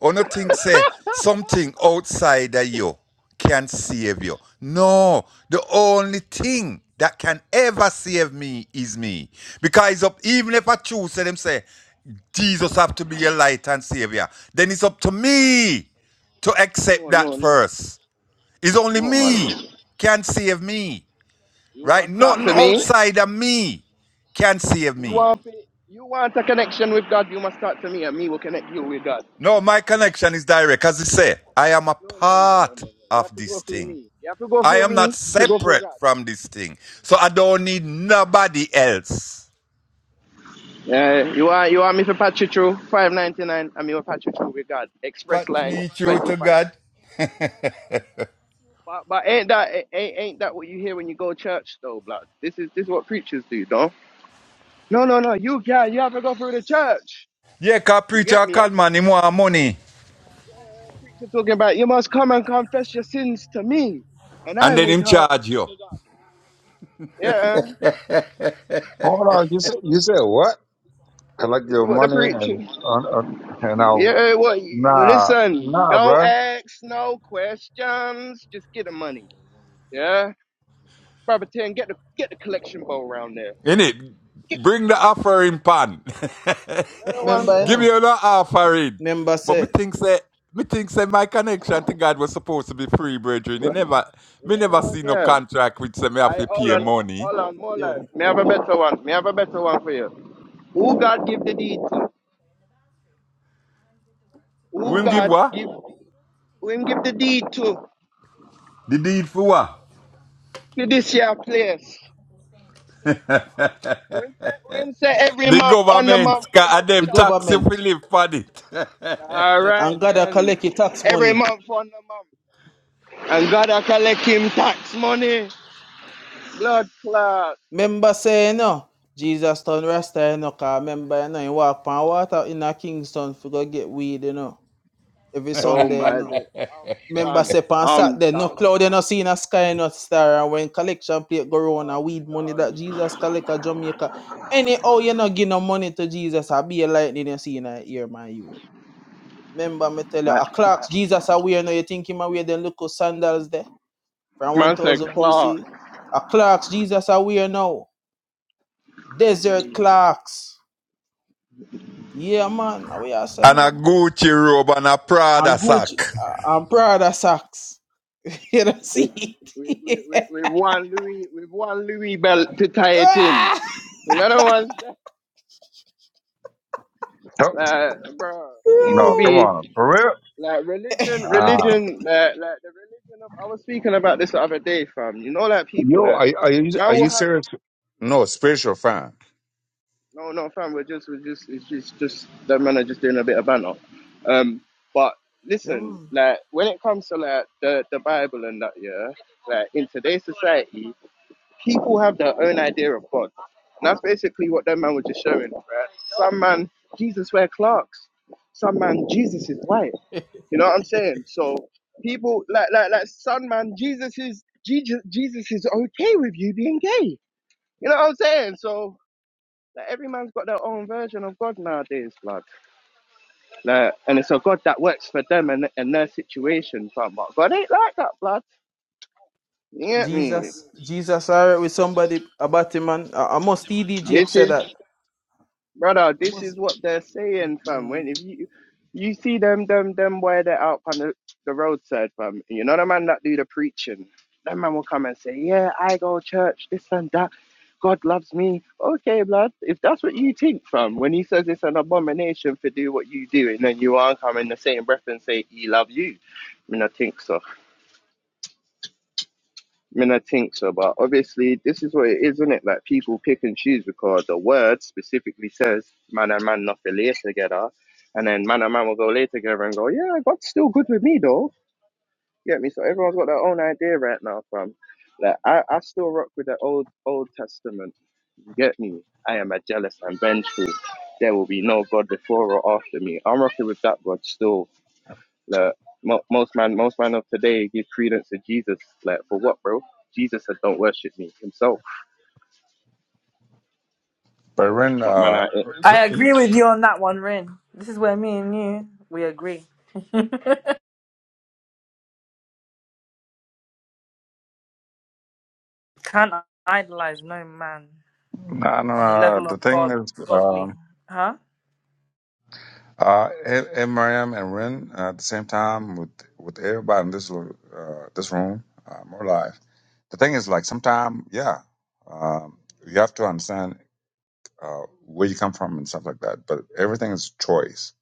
H: Or no think say something outside of you can save you. No. The only thing that can ever save me is me. Because it's up, even if I choose, say them say, Jesus
B: Ooh,
H: have to be your light and savior. Then it's up to me to accept
B: no,
H: that
B: no, no,
H: first. It's only
B: no, man.
H: me can save me.
B: You
H: Right?
B: must talk
H: Nothing
B: to me.
H: outside of me can save
B: You
H: me.
B: want to- you want a connection with God. You must talk to me, and me will connect you with God.
H: No, my connection is direct. As I say, I am a
B: No, no, no, no, no,
H: part
B: no. You have
H: of
B: to go
H: this
B: through
H: thing.
B: me. You have to go
H: I
B: through
H: am
B: me
H: not
B: to go through
H: separate
B: God.
H: from this thing. So I don't need nobody else.
B: Yeah, you want you want me to patch you through five ninety nine, and me will patch you through with God. Express
H: Patch
B: line
H: me through
B: twenty
H: to
B: five.
H: God.
B: But but ain't that ain't, ain't that what you hear when you go to church though, blood? This is this is what preachers do, though. No, no, no. You can not you have to go through the church.
H: Yeah, cause
B: You get
H: preacher
B: me? You have
H: call man, him want money.
B: yeah, preacher talking about you must come and confess your sins to me, and I
H: And then
B: will
H: him
B: talk.
H: charge you.
B: Yeah,
F: Hold on. You said you said what? Collect
B: this is
F: your
B: what the
F: money
B: preacher.
F: and un, un, and I'll
B: Yeah, what?
F: nah
B: Listen,
F: nah,
B: don't
F: bruh.
B: ask no questions. Just get the money. Yeah, Brother Ten, get the get the collection bowl round there.
H: Innit? Bring the offering pan.
B: You know the ones
A: Member, you
H: Give
B: there.
A: know,
H: you an offering.
A: member
H: But
A: say,
H: me think say me think say my connection to God was supposed to be free, brethren. He never
B: You
H: me
B: know the
H: never
B: ones
H: see no
B: there.
H: contract which say me have
B: I
H: to
B: hold
H: pay
B: on,
H: money.
B: hold on, hold
A: yo,
B: on. May I have a better one. May I have a better one for you. Who God give the deed to? Who
H: We'll give
B: God
H: what?
B: give? Who him give the deed to?
H: The deed for what?
B: To this here place. Who him say? Who him say every
H: The
B: month on the
H: government
B: month you
H: can
B: must
H: and
A: the
H: them
B: charge.
H: taxi
A: government
H: for live on it.
B: All right
A: and God are
B: then.
A: collect your tax
B: Every
A: money.
B: month on the month. And God a collect him tax money. Blood clot.
A: Member say, you know, Jesus turn Rasta, you know, cause member, you know, he walk on water in a Kingston for go get weed, you know, every
B: Oh
A: Sunday, you
B: my
A: know.
B: day. I'm
A: Remember,
B: done.
A: say on
B: I'm
A: Saturday, no
B: done.
A: cloud, you no see, no sky, no star. And when collection plate go round and weed money that
B: I'm done.
A: Jesus collect a Jamaica. Anyhow, you no give no money to Jesus, I be a lightning you see in a ear, man, you. Remember, me tell you,
B: Uh,
A: a clocks, Jesus a wear, now you think him a wear them look sandals there from
B: Man said
A: 1000
B: Clark.
A: BC. A clocks, Jesus a wear now. Desert clocks. Yeah, man, we are say,
H: And a
A: man.
H: Gucci robe and a
A: And
H: Prada
A: Gucci,
H: sack.
A: uh, and Prada socks. you don't
B: with,
A: see
B: with, with, with
A: it.
B: with one Louis with one Louis belt to tie it
A: Ah!
B: in. In other words,
F: No,
B: like bro, people
F: no, come
B: be
A: Yo.
F: on, for real.
B: like religion,
F: Nah.
B: religion, like, like the religion of. I was speaking about this the other day, fam. You know, like people
F: Yo,
B: that
F: are, are you
B: man
F: are
B: will
F: you
B: have
F: serious? No, spiritual fan.
B: no, no, fam. We're just, we're just, it's just, just that man are just doing a bit of banter. Um, but
A: Yeah,
B: listen,
A: man.
B: like when it comes to like the the Bible and that, yeah, like in today's society. people have their own idea of God. And that's basically what that man was just showing, right? Some man, Jesus wear clerks. Some man, Jesus is white. You know what I'm saying? So people like like like some man, Jesus is Jesus Jesus is okay with you being gay. You know what I'm saying? So like every man's got their own version of God nowadays, blood. Like, and it's a God that works for them and, and their situation, fam. But God ain't like that, blood. You get me?
A: Jesus, Jesus, alright with somebody about him, man. I, I must TDG
B: This
A: said
B: is
A: that.
B: brother,
A: I
B: this is
A: must.
B: what they're saying, fam.
A: mm
B: When if you you see them them them where they're out on the, the roadside, fam. You know the man that do the preaching. That man will come and say, Yeah, I go church, this and that. God loves me. Okay, blood. If that's what you think, fam, when he says it's an abomination for do what you do, and then you are coming the same breath and say he love you. I mean, I think so. I mean, I think so, but obviously, this is what it is, isn't it? Like people pick and choose because the word specifically says man and man not to lay together, and then man and man will go lay together and go, yeah, God's still good with me though. You Get me? So everyone's got their own idea right now. From like, I, I still rock with the old Old Testament. You Get me? I am a jealous and vengeful. There will be no God before or after me. I'm rocking with that God still. Like, mo- most man, most man of today give credence to Jesus. Like for what, bro? Jesus said, "Don't worship me." Himself,
F: But Ren,
B: my man.
F: uh,
B: I,
C: I agree with you on that one, Rin. This is where me and you, we agree. Can't idolize no man
F: nah, nah,
C: on the
F: nah,
C: level of
F: the thing
C: God,
F: is, um,
C: godly. Huh?
F: Uh, and, and Mariam and Ren uh, at the same time with with everybody in this lo- uh, this room, uh, more live. The thing is, like, sometimes, yeah, um, you have to understand uh, where you come from and stuff like that. But everything is choice.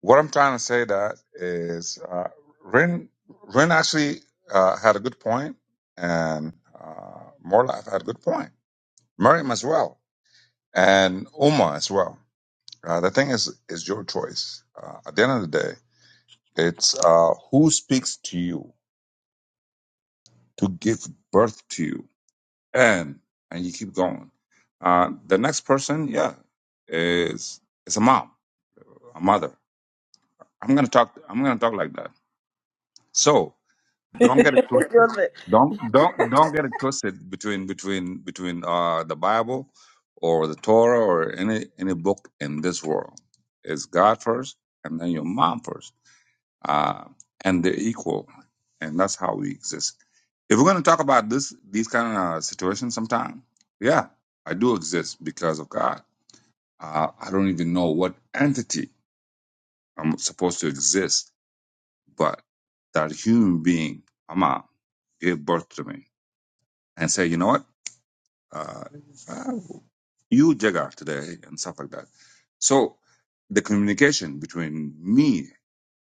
F: What I'm trying to say that is, uh, Ren Ren actually uh, had a good point, and uh, more life had a good point. Miriam as well, and Uma as well. Uh, the thing is, is your choice. Uh, at the end of the day It's uh, who speaks to you to give birth to you, and and you keep going. Uh, the next person, yeah, is is a mom, a mother. I'm gonna talk. I'm gonna talk like that. So don't get it
C: You're
F: twisted.
C: lit.
F: Don't don't don't get it twisted between between between uh, the Bible or the Torah or any any book in this world. It's God first, and then your mom first. uh, and they're equal, and that's how we exist. If we're going to talk about this, these kind of uh, situations, sometime, yeah, I do exist because of God. Uh, I don't even know what entity I'm supposed to exist, but that human being, Ama, gave birth to me and say, you know what, uh, uh, you Jagar today and stuff like that. So the communication between me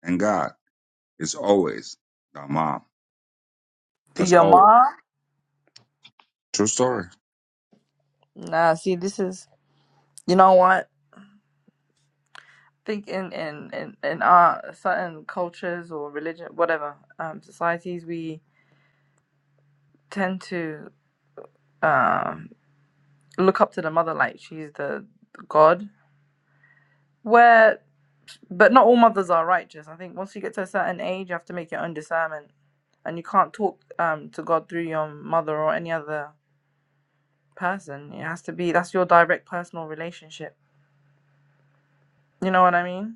F: and God is always Dhamma.
C: to
F: That's
C: your
F: always.
C: mom.
F: True story.
C: Nah, see, this is you know what. Think in in in, in our certain cultures or religion, whatever um, societies, we tend to um, look up to the mother like she's the god. Where, but not all mothers are righteous. I think once you get to a certain age, you have to make your own discernment, and you can't talk um, to God through your mother or any other person. It has to be that's your direct personal relationship. You know what I mean?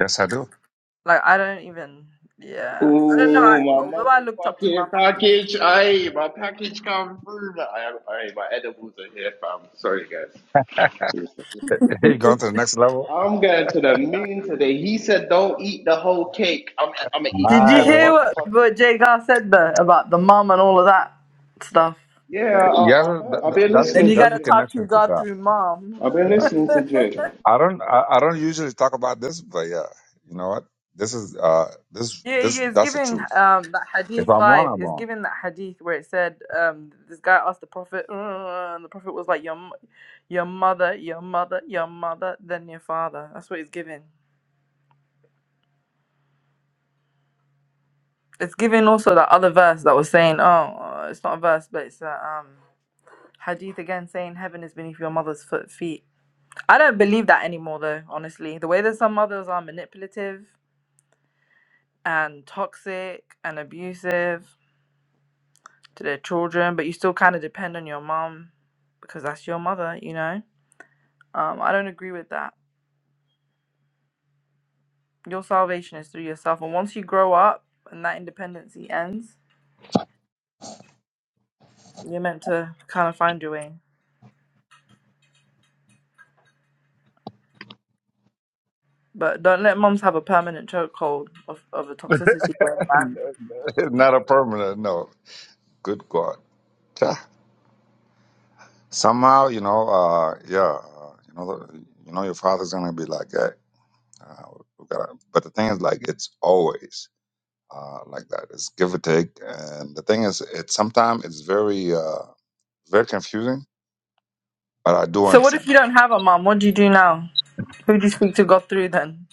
F: Yes, I do.
C: Like I don't even. Yeah, I don't know. I,
B: Ooh, my
C: although I looked up to my
B: motherfucking
C: mom.
B: package. Aye, my package come through. Aye, aye, my edibles are here, fam. Sorry, guys.
F: you going to the next level?
B: I'm going to the moon today. He said, "Don't eat the whole cake." I'm, I'm gonna eat the
C: Did you
F: My,
B: whole
C: hear
F: the-
C: what
B: motherfucking.
C: what Jay Gar said though about the mom and all of that stuff?
B: Yeah, I, I I
F: yeah, th-
B: heard. I've
F: th-
B: been
F: that's
C: And
B: listening
C: you
B: to
F: that's
C: gotta
F: your
B: Jay.
C: talk to
F: connection to
C: God
F: God.
C: through mom.
B: I've been
F: Yeah,
B: listening to Jay.
F: I don't I, I don't usually talk about this, but yeah, you know what? This is uh this
C: Yeah,
F: this
C: yeah, it's
F: that's the
C: giving
F: truth.
C: um that
F: If
C: hadith
F: I'm wrong,
C: vibe.
F: I'm
C: It's
F: wrong.
C: giving that hadith where it said um this guy asked the prophet, "Uh," and the prophet was like your mo- your mother, your mother, your mother, then your father. That's what it's giving. It's giving also that other verse that was saying, oh, uh, it's not a verse, but it's a um. Hadith again saying heaven is beneath your mother's foot feet. I don't believe that anymore though, honestly. The way that some mothers are manipulative and toxic and abusive to their children, but you still kind of depend on your mom because that's your mother, you know? Um, I don't agree with that. Your salvation is through yourself. And once you grow up and that independency ends, you're meant to kind of find your way. But don't let moms have a permanent chokehold of, of a toxicity where man.
F: Not a permanent. No, good God. Yeah. Somehow, you know, uh, yeah, uh, you know, the- you know, your father's gonna be like, hey, uh, we gotta. But the thing is, like, it's always. uh, like that. It's give or take, and the thing is, it sometimes it's very uh, very confusing. But I do
C: So what if
F: understand.
C: you don't have a mom? What do you do now? Who did you speak to got through then?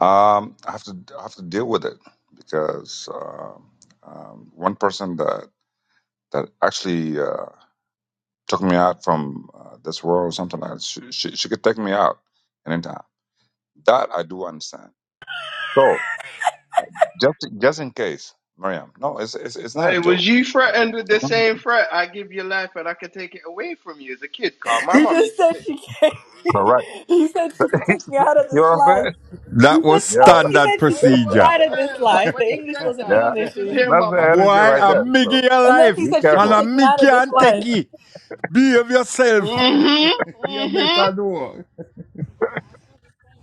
F: Um, I have to I have to deal with it because uh, um, one person that that actually uh, took me out from uh, this world or something like that, she, she, she could take me out anytime. That I do understand. So just just in case, Miriam, no, it's it's, it's not a
B: Hey, was
F: joke.
B: you
F: Uh,
B: threatened with
F: the
B: the same
F: thing-
B: threat? I give you life and I can take it away from you as a kid, Carl. My
C: He
B: mom
C: just
B: used to
C: said
B: say
C: she
B: that
C: came.
B: to me.
F: correct.
C: He said she could
F: you
C: take me out of this
F: know what I'm
C: life.
F: saying?
C: He
H: That
C: said
H: was
F: Yeah.
C: first he
H: standard
C: said
B: You
C: she
B: know
C: took
B: the
C: me
B: ones
H: procedure.
C: out of this
B: there, like
C: life. The
B: when he
C: English
B: said
C: wasn't
B: that, I
F: Yeah,
B: could just
C: Englishing.
B: hear
F: that's
B: my
F: the
H: A
B: mom
H: boy,
F: energy right
B: saying
H: a
F: there.
B: that
H: Miggy
F: So
B: shit.
C: And then he
H: alive
F: be
C: said she could
H: and a
F: careful.
C: take me out
H: Mickey
C: of this
H: and
C: life.
H: Techie. Behave yourself.
B: Mm-hmm.
H: you
B: Mm-hmm.
H: better know.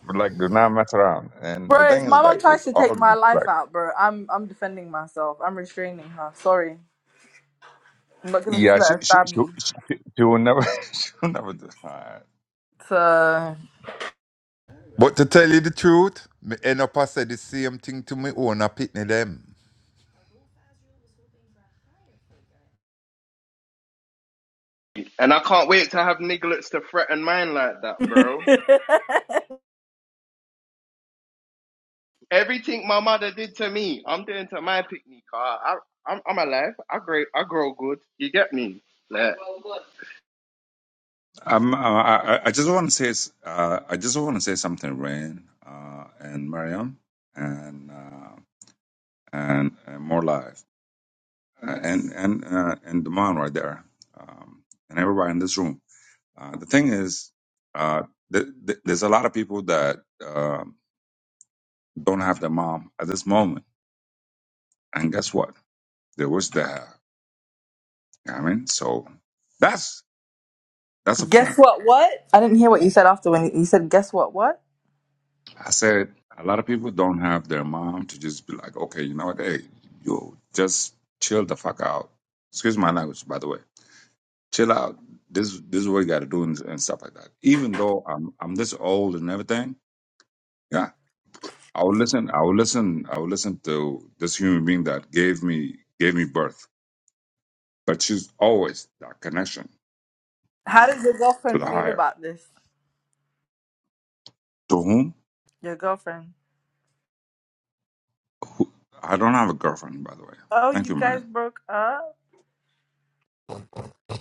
F: But, Like, do not mess around. And the
C: Bro, if
F: thing is,
C: my mom
F: like, with
C: tries to
F: all
C: take my life
F: respect,
C: out, bro, I'm I'm defending myself. I'm restraining her. Sorry. I'm not gonna just
F: yeah,
C: let
F: she
C: her
F: she
C: stab me.
F: she, she, she will never she will never do. Alright.
C: So
H: But to tell you the truth, me end up I say the same thing to me own a pitney them.
B: And I can't wait to have nigglets to threaten mine like that, bro. Everything my mother did to me, I'm doing to my picnic, Carl. I I'm I'm alive. I grow I grow good. You get me? Like
F: Um, uh, I I I just want to say s- uh, I just want to say something, Rain, uh, and Mariam, and uh, and, and more live, uh, and and uh, and Demond right there, um, and everybody in this room. Uh, the thing is, uh, th- th- there's a lot of people that. uh, don't have the mom at this moment. And guess what? There was the, you know what I mean, so that's that's a point.
C: Guess what what? I didn't hear what you said after when you you said guess what what?
F: I said a lot of people don't have their mom to just be like, okay, you know what, hey, you just chill the fuck out. Excuse my language, by the way. Chill out. This this is what you got to do and, and stuff like that. Even though I'm I'm this old and everything, yeah, I will listen. I will listen. I will listen to this human being that gave me gave me birth. But she's always that connection
C: How does your
F: to
C: girlfriend
F: the
C: feel
F: higher.
C: about this?
F: To whom?
C: Your girlfriend.
F: Who- I don't have a girlfriend, by the way.
C: Oh,
F: Thank
C: you
F: you, Mary.
C: guys broke up?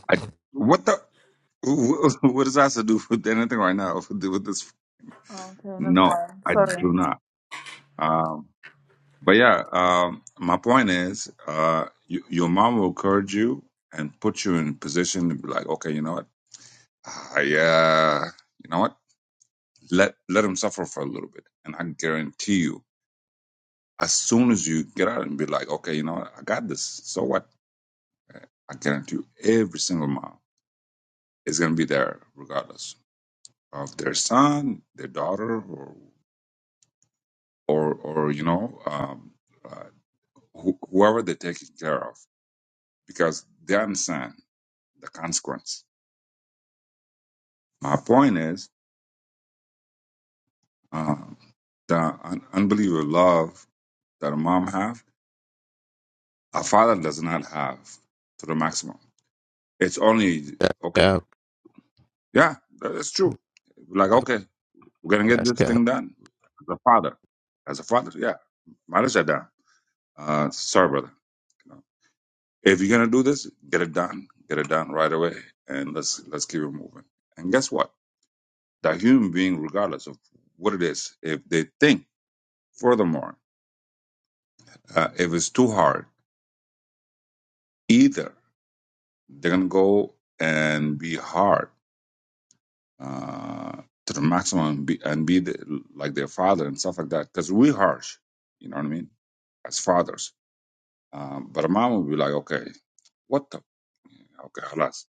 F: I What the? wh- What does that have to do with anything right now? With with this?
C: Oh, okay, never
F: No,
C: mind.
F: I
C: Sorry.
F: do not. Um, but yeah, um, my point is, uh, you, your mom will encourage you and put you in position to be like, okay, you know what? I, uh, you know what? Let let him suffer for a little bit, and I guarantee you, as soon as you get out and be like, okay, you know what? I got this. So what? I guarantee you, every single mom. is going to be there regardless of their son, their daughter, or or or you know um, uh, who whoever they're taking care of, because they understand the consequence. My point is um, the un- unbelievable love that a mom have, a father does not have to the maximum. It's only
I: That's
F: okay.
I: cap.
F: Yeah, that is true. Like okay, we're gonna get
I: That's
F: this
I: cap.
F: thing done. As a father, as a father, yeah. mother said that. Uh, sorry, brother. If you're gonna do this, get it done. Get it done right away, and let's let's keep it moving. And guess what? That human being, regardless of what it is, if they think, furthermore, uh, if it's too hard, either they're gonna go and be hard uh, to the maximum and be, and be the, like their father and stuff like that, because we harsh. You know what I mean? As fathers, um, but a mom will be like, okay, what the okay, halas,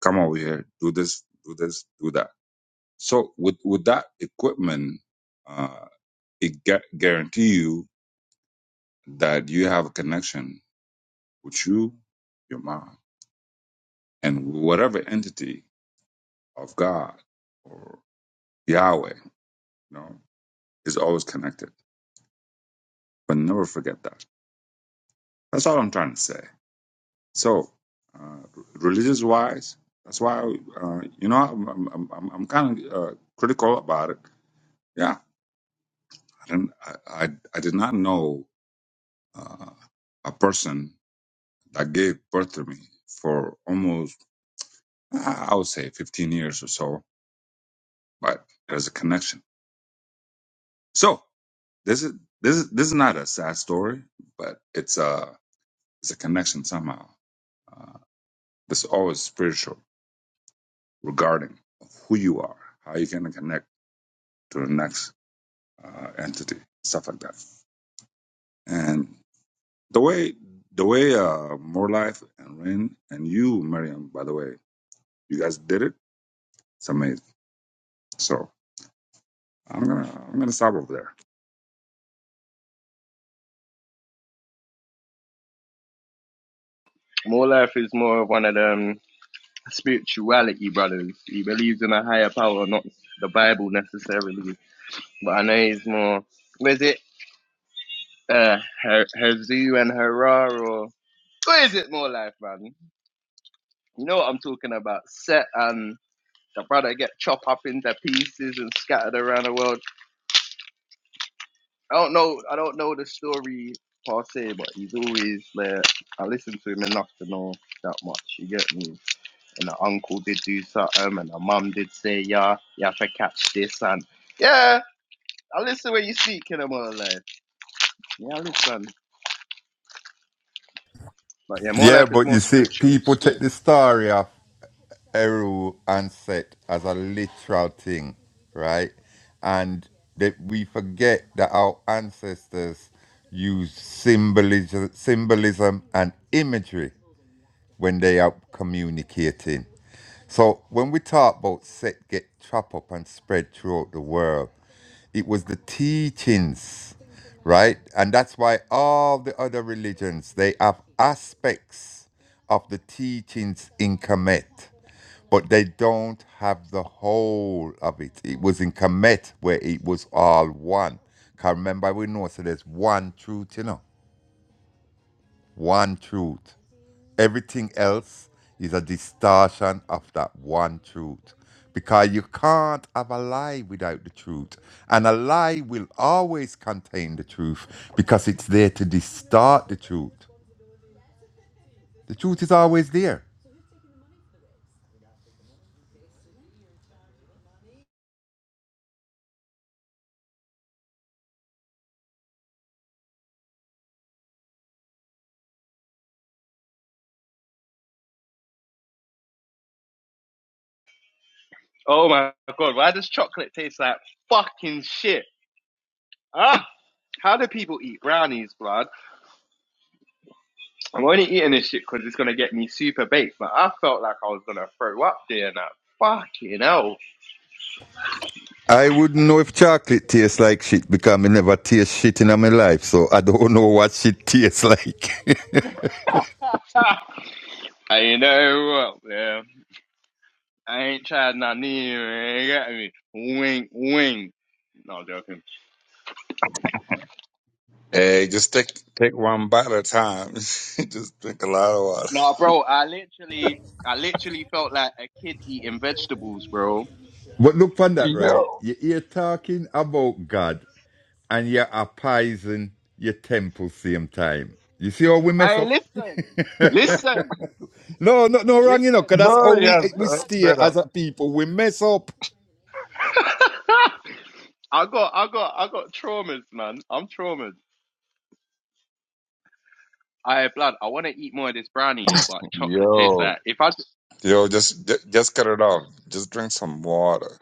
F: come over here, do this, do this, do that So with with that equipment, uh, it gu- guarantee you that you have a connection with you, your mind, and whatever entity of God or Yahweh, you know, is always connected. But never forget that. That's all I'm trying to say. So, uh, religious wise, that's why uh, you know I'm I'm, I'm, I'm kind of uh, critical about it. Yeah, I didn't I, I, I did not know uh, a person that gave birth to me for almost, I would say, 15 years or so. But there's a connection. So this is this is this is not a sad story, but it's a it's a connection somehow. Uh, it's always spiritual regarding who you are, how you're gonna connect to the next uh, entity, stuff like that. And the way the way uh, more life and rain and you, Miriam, by the way, you guys did it. It's amazing. So I'm gonna I'm gonna stop over there.
B: more life is more of one of them. spirituality, brothers. He believes in a higher power, not the Bible necessarily. But I know he's more. Was it uh, her, Herzou and Harar, or what is it more like, man? You know what I'm talking about? Set and the brother get chopped up into pieces and scattered around the world. I don't know. I don't know the story per se, but he's always like I listen to him enough to know that much. You get me? And the uncle did do something, and the mum did say, "Yeah, you have to catch this." And yeah, I listen when you speak in more life. Yeah, I listen. But yeah, more
H: Yeah,
B: life is
H: but
B: more
H: you see,
B: spiritual.
H: people take
B: Spirit.
H: the story off. Eru and Set as a literal thing, right? And that we forget that our ancestors used symbolism, symbolism and imagery when they are communicating. So when we talk about Set get trap up and spread throughout the world, it was the teachings, right? And that's why all the other religions they have aspects of the teachings in Kemet but they don't have the whole of it. It was in Kemet where it was all one. Can remember we know so there's one truth, you know. One truth. Everything else is a distortion of that one truth. Because you can't have a lie without the truth. And a lie will always contain the truth because it's there to distort the truth. The truth is always there.
B: Oh my god, why does chocolate taste like fucking shit? Ah, how do people eat brownies, blood? I'm only eating this shit because it's gonna get me super baked. But I felt like I was gonna throw up there and that Fucking hell.
H: I wouldn't know if chocolate tastes like shit because I never taste shit in my life, so I don't know what shit tastes like.
B: and you know what, man? I ain't tried nothing either, man. You get me? Wink, wink. No, joking.
F: Hey, just take take one bite at a time. just drink a lot of water.
B: No, bro, I literally, I literally felt like a kid eating vegetables, bro.
H: but look on that, right?
F: Yo,
H: You- are talking about God and you're appeasing your temple same time. You see how we mess
B: I
H: up?
B: listen, listen,
H: No, no, no wrong,
B: listen.
H: you know, because that's how
F: no,
B: I
H: we,
F: yeah,
B: never
H: we
F: that's
B: said.
H: stay
F: right
H: as
F: up.
H: a people. We mess up.
B: I got, I got, I got traumas, man. I'm traumatised. I blood. I want to eat more of this brownie here, but chocolate tastes
F: Yo,
B: like if I, j-
F: yo, just ju- just cut it off. Just drink some water,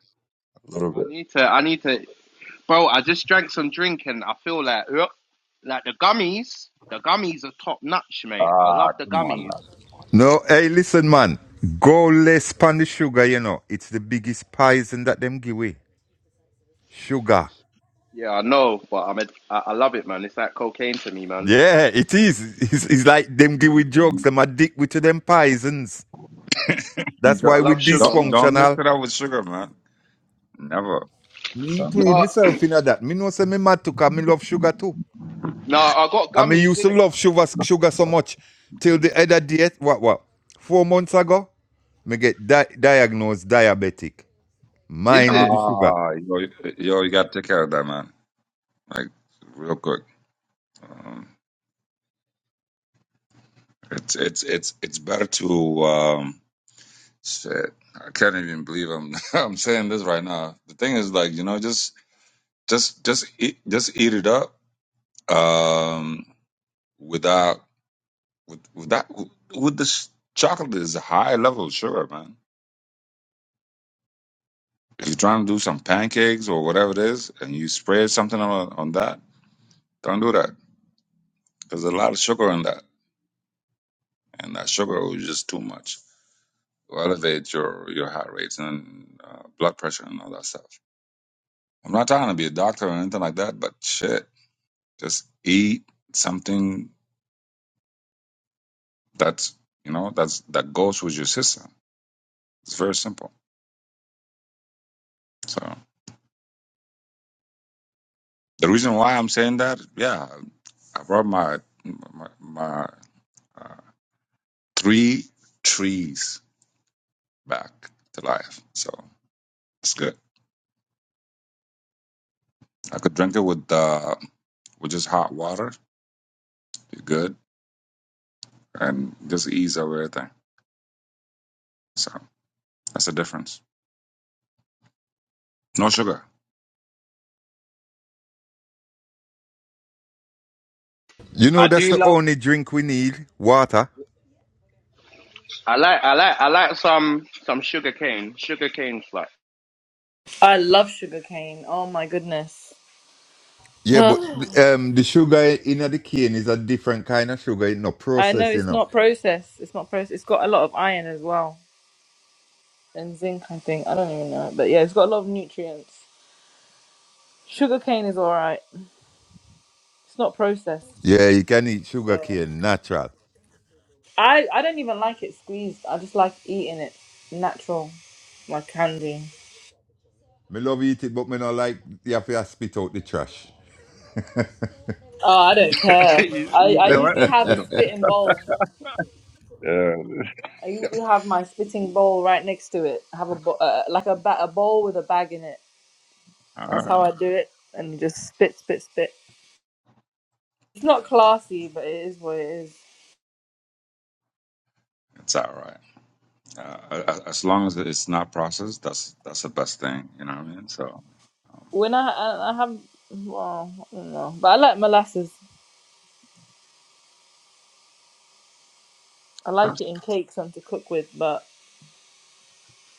F: a little
B: I
F: bit.
B: need to, I need to, bro. I just drank some drink and I feel like, ugh, like the gummies. The gummies are top notch, mate. I love
F: Ah,
B: the
F: come on
B: gummies.
H: No, hey, listen, man. Go less pan the sugar, you know. It's the biggest poison that them give away. Sugar.
B: Yeah, I know, but I'm a, I, I love it, man. It's like cocaine to me, man.
H: Yeah, it is. It's, it's like them give with drugs,
F: now.
H: them addicted to them poisons. That's
B: Yeah, I
F: Don't
H: why we
B: love sugar. I'm
F: don't,
B: not gonna
F: don't mix
H: dysfunctional.
F: it up with sugar, man. Never.
H: Me
F: Don't do
H: include
B: lie.
F: that.
B: No,
H: myself in that. Me know say me mad too, cause me love sugar too.
B: no, I got
H: And me
B: gummies
H: used
B: in
H: to
B: it, but
H: love
B: the
H: sugar,
B: gummies got
H: sugar so much.
B: sugar.
H: Till the other day, what, what, four months ago, me get di- diagnosed diabetic.
B: Is
H: Mine with
B: it?
H: the sugar.
F: Ah, yo, yo, you gotta take care of that, man. Like real quick. Um, it's it's it's it's better to um Shit, I can't even believe I'm I'm saying this right now. The thing is, like, you know, just just just eat just eat it up, um, without with with that with this chocolate is a high level of sugar, man. If you're trying to do some pancakes or whatever it is, and you spread something on on that, don't do that. There's a lot of sugar in that, and that sugar is just too much. will elevate your your heart rates and uh, blood pressure and all that stuff. I'm not trying to be a doctor or anything like that, but shit Just eat something that's you know that's that goes with your system. It's very simple. So the reason why I'm saying that, yeah, I brought my my, my uh, three trees back to life. So it's good. I could drink it with uh, with just hot water. You're good, and just ease over everything. So that's the difference. No sugar.
H: You
B: I
H: know that's
B: do
H: the
B: love.
H: only drink we need, water.
B: I like. I like. I like some some sugar cane. Sugar cane like
C: I love sugarcane. Oh my goodness.
H: Yeah, but
C: I
H: um, the sugar in the cane is a different kind of sugar, you know,
C: know
H: processed, you
C: it's
H: know.
C: not processed. It's not processed. It's got a lot of iron as well and zinc. I think I don't even know, but yeah, it's got a lot of nutrients. Sugarcane is all right. It's not processed,
H: Yeah, you can eat sugar
C: so
H: cane, natural.
C: I I don't even like it squeezed. I just like eating it natural, like candy.
H: Me love eat it, but me not like you have to spit out the trash.
C: Oh, I don't care.
F: you
C: I
F: you
C: I
F: know what?
C: usually have a
F: No.
C: spitting bowl.
F: Uh,
C: I usually have my spitting bowl right next to it. I have a bo- uh, like a, ba- a bowl with a bag in it.
F: All
C: That's how
F: right,
C: I do it, and you just spit, spit, spit. It's not classy, but it is what it is.
F: it's all right. Uh, as long as it's not processed, that's that's the best thing. You know what I mean? So
C: When I I, I have well, I don't know, but I like molasses. I like it in cakes and to cook with, but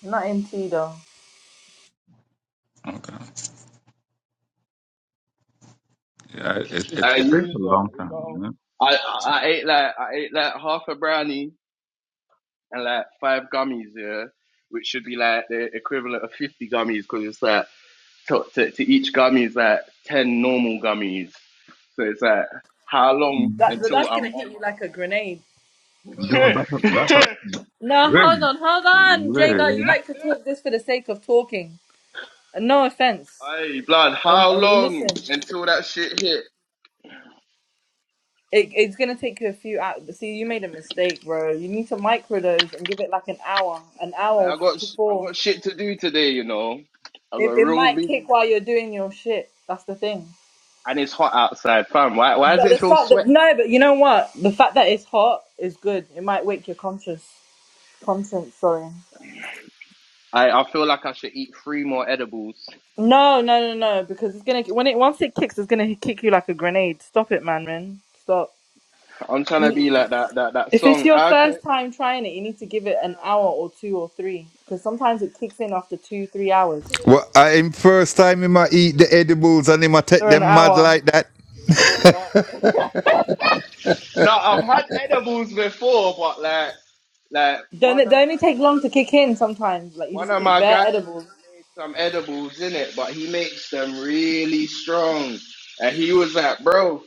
C: not in tea though.
F: okay, yeah, it it,
B: I
F: it takes a
B: used uh,
F: long
B: we
F: time,
B: go.
F: you know?
B: I I
F: So
B: I ate like I ate like half a brownie and like five gummies, yeah, which should be like the equivalent of fifty gummies because it's like to, to to each gummy is like ten normal gummies. So it's like how long
C: That but
B: until
C: that's
B: I'm
C: gonna hit
B: on
C: you like a grenade.
F: yo,
B: my
F: that's a, that's a
C: No, hold
F: really,
C: on, hold on, Jager. You
F: really.
C: like to talk this for the sake of talking. And no offense,
B: Hey blood,
C: and,
B: how
C: and we
B: long
C: listen.
B: until that shit hit?
C: It, it's gonna take you a few hours. See, you made a mistake, bro. You need to microdose and give it like an hour, an
B: Like,
C: hour
B: I got
C: to
B: sh- I
C: four.
B: got shit to do today, you know. I got
C: It,
B: a
C: it
B: real
C: might kick
B: busy
C: while
B: schedule.
C: you're doing your shit. That's the thing.
B: and it's hot outside, fam. Why why is
C: But
B: it
C: the
B: so
C: fact that
B: sweaty?
C: no, but you know what? The fact that it's hot is good. It might wake your conscious conscience. Sorry.
B: I, I feel like I should eat three more edibles.
C: No, no, no, no. Because it's gonna when it once it kicks, it's gonna kick you like a grenade. Stop it, man, man. Stop.
B: I'm trying to
C: You,
B: be like that that that
C: if it's
B: song.
C: your
B: I
C: first
B: can't feel
C: time
B: my
C: trying it, you need to
B: face
C: give it an hour or two or three. Because sometimes it kicks in after two, three hours.
H: Well, I am first time him a eat the edibles and him a take
C: or
B: now.
C: an
H: them mad
B: No,
C: hour.
H: like that.
B: no, no. I've had edibles before, but like like
C: Don't
B: one
C: it
B: of
C: don't
B: my
C: it take long to
B: guys,
C: kick in sometimes? Like you
B: one
C: just
B: of
C: eat
B: my
C: bare
B: guys
C: edibles.
B: made some edibles in it, but he makes them really strong. And he was like, bro,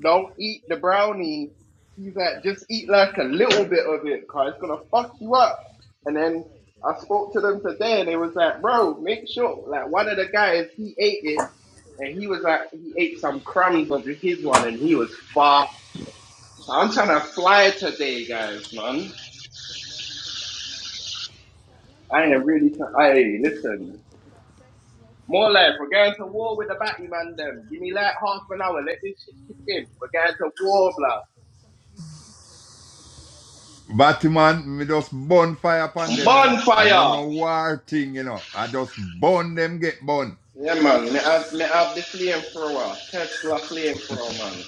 B: Don't eat the brownie. He's like, just eat like a little bit of it, cause it's gonna fuck you up. And then I spoke to them today, and they was like, bro, make sure. Like one of the guys, he ate it, and he was like, he ate some crumbs of his one, and he was far. So I'm trying to fly today, guys, man. I ain't really. Try- hey, listen. More life. We're going to war with the batty man. Them. Give me like half an hour. Let this shit kick in. We're going to war, blah.
H: Batman, me just burn fire upon them, you know. I no
B: Bonfire.
H: no war thing, you know. I just burn them, get burn.
B: Yeah, man. Me have, me have the flame for a while. Tesla flame for a man.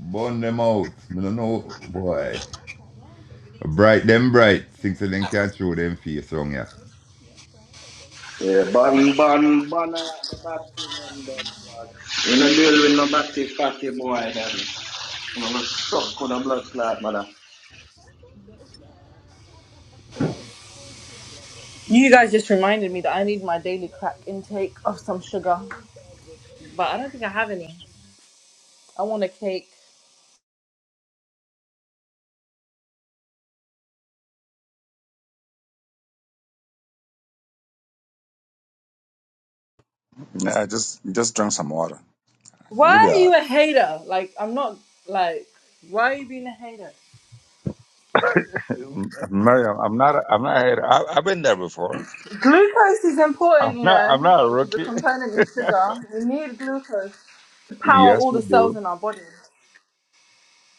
H: Burn them out. Me no know, boy. Bright them bright. Things that them can't show them face wrong, yeah.
B: Yeah, ban, ban, ban out the battery, man, them blood. You know, deal with no battery fatty boy, them. You know, suck with a blood clot, man.
C: You guys just reminded me that I need my daily crack intake of some sugar. But I don't think I have any. I want a cake.
F: Yeah, I just just drink some water.
C: Why
F: You be
C: are you
F: alright.
C: a hater? Like I'm not like why are you being a hater?
F: Miriam, I'm not I'm not here. I, I've been there before.
C: Glucose is
F: I'm
C: important, you
F: not
C: know,
F: I'm not a
C: which is a
F: rookie.
C: component in sugar. We need glucose to power
F: Yes,
C: all
F: we
C: the cells
F: do.
C: in our body.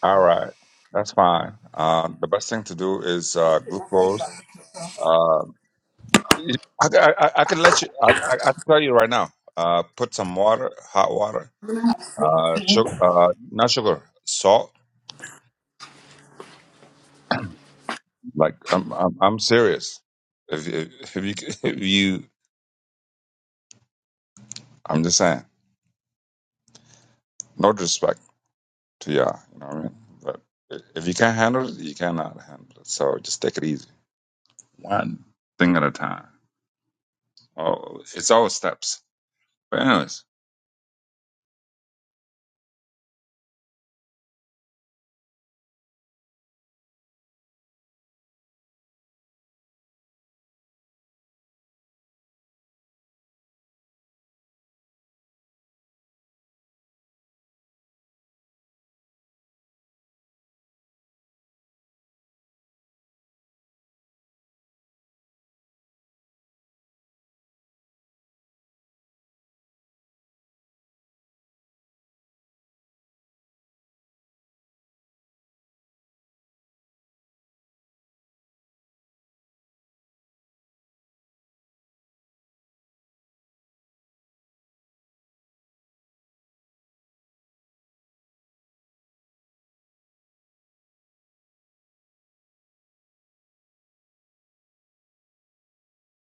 F: All right, that's fine. Uh, the best thing to do is uh, glucose. Uh, I, I, I can let you. I, I, I can tell you right now. Uh, put some water, hot water, uh, sugar, uh, not sugar, salt. Like I'm, I'm, I'm serious. If, you- if you, if you, I'm just saying. No disrespect to y'all. You know what I mean? But i- if you can't handle it, you cannot handle it. So just take it easy, one thing at a time. Oh, it's all steps. But anyways,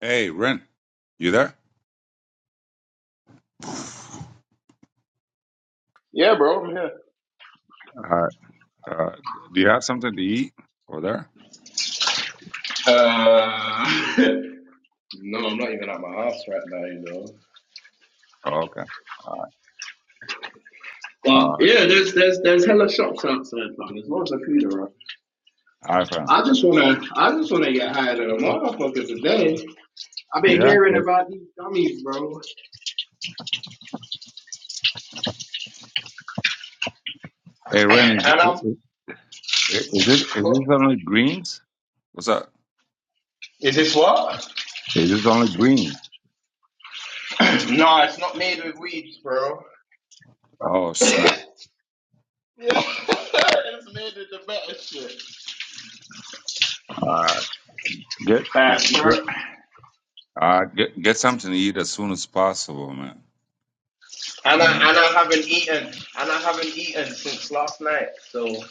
F: hey, Ren, you there?
B: Yeah, bro, I'm here.
F: Uh, uh, do you have something to eat over there?
B: Uh, no, I'm not even at my house right now, you know.
F: Oh, okay.
B: But
F: Uh,
B: yeah, there's there's there's hella shops outside, man. There's loads of food around.
F: iPhone.
B: I just wanna I just wanna get higher than a motherfucker today. I've been
F: Yeah.
B: hearing about these dummies, bro.
F: Hey, Ren, is,
B: and I'm.
F: is, is it is
B: What?
F: this only greens? What's up?
B: Is this what?
F: Is this only greens?
B: no, it's not made with weeds, bro.
F: Oh snap!
B: Yeah, it's made with the better shit.
F: Uh, get
B: Bad,
F: get
B: bro.
F: uh, get get something to eat as soon as possible, man. You
B: And I
F: know?
B: and I haven't eaten and I haven't eaten since last night. So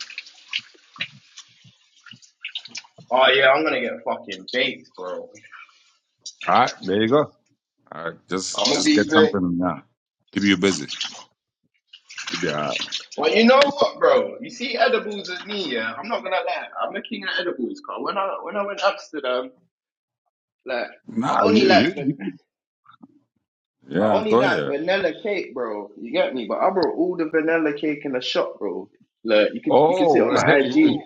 B: oh yeah, I'm gonna get fucking baked, bro.
F: All right, there you go. All right, just
B: I'm gonna
F: just get
B: be baked.
F: something now. Keep you busy. Keep you, uh,
B: Well, you know what, bro? You see edibles as me, yeah. I'm not gonna lie. I'm looking at edibles, cause when I when I went to Amsterdam, like I
F: nah,
B: only
F: you,
B: like
F: you
B: vegetables.
F: you
B: I
F: yeah,
B: only
F: go
B: like
F: ahead.
B: vanilla cake, bro. You get me? But I brought all the vanilla cake in the shop, bro. Look, you could you could see it
F: Oh,
B: on my IG.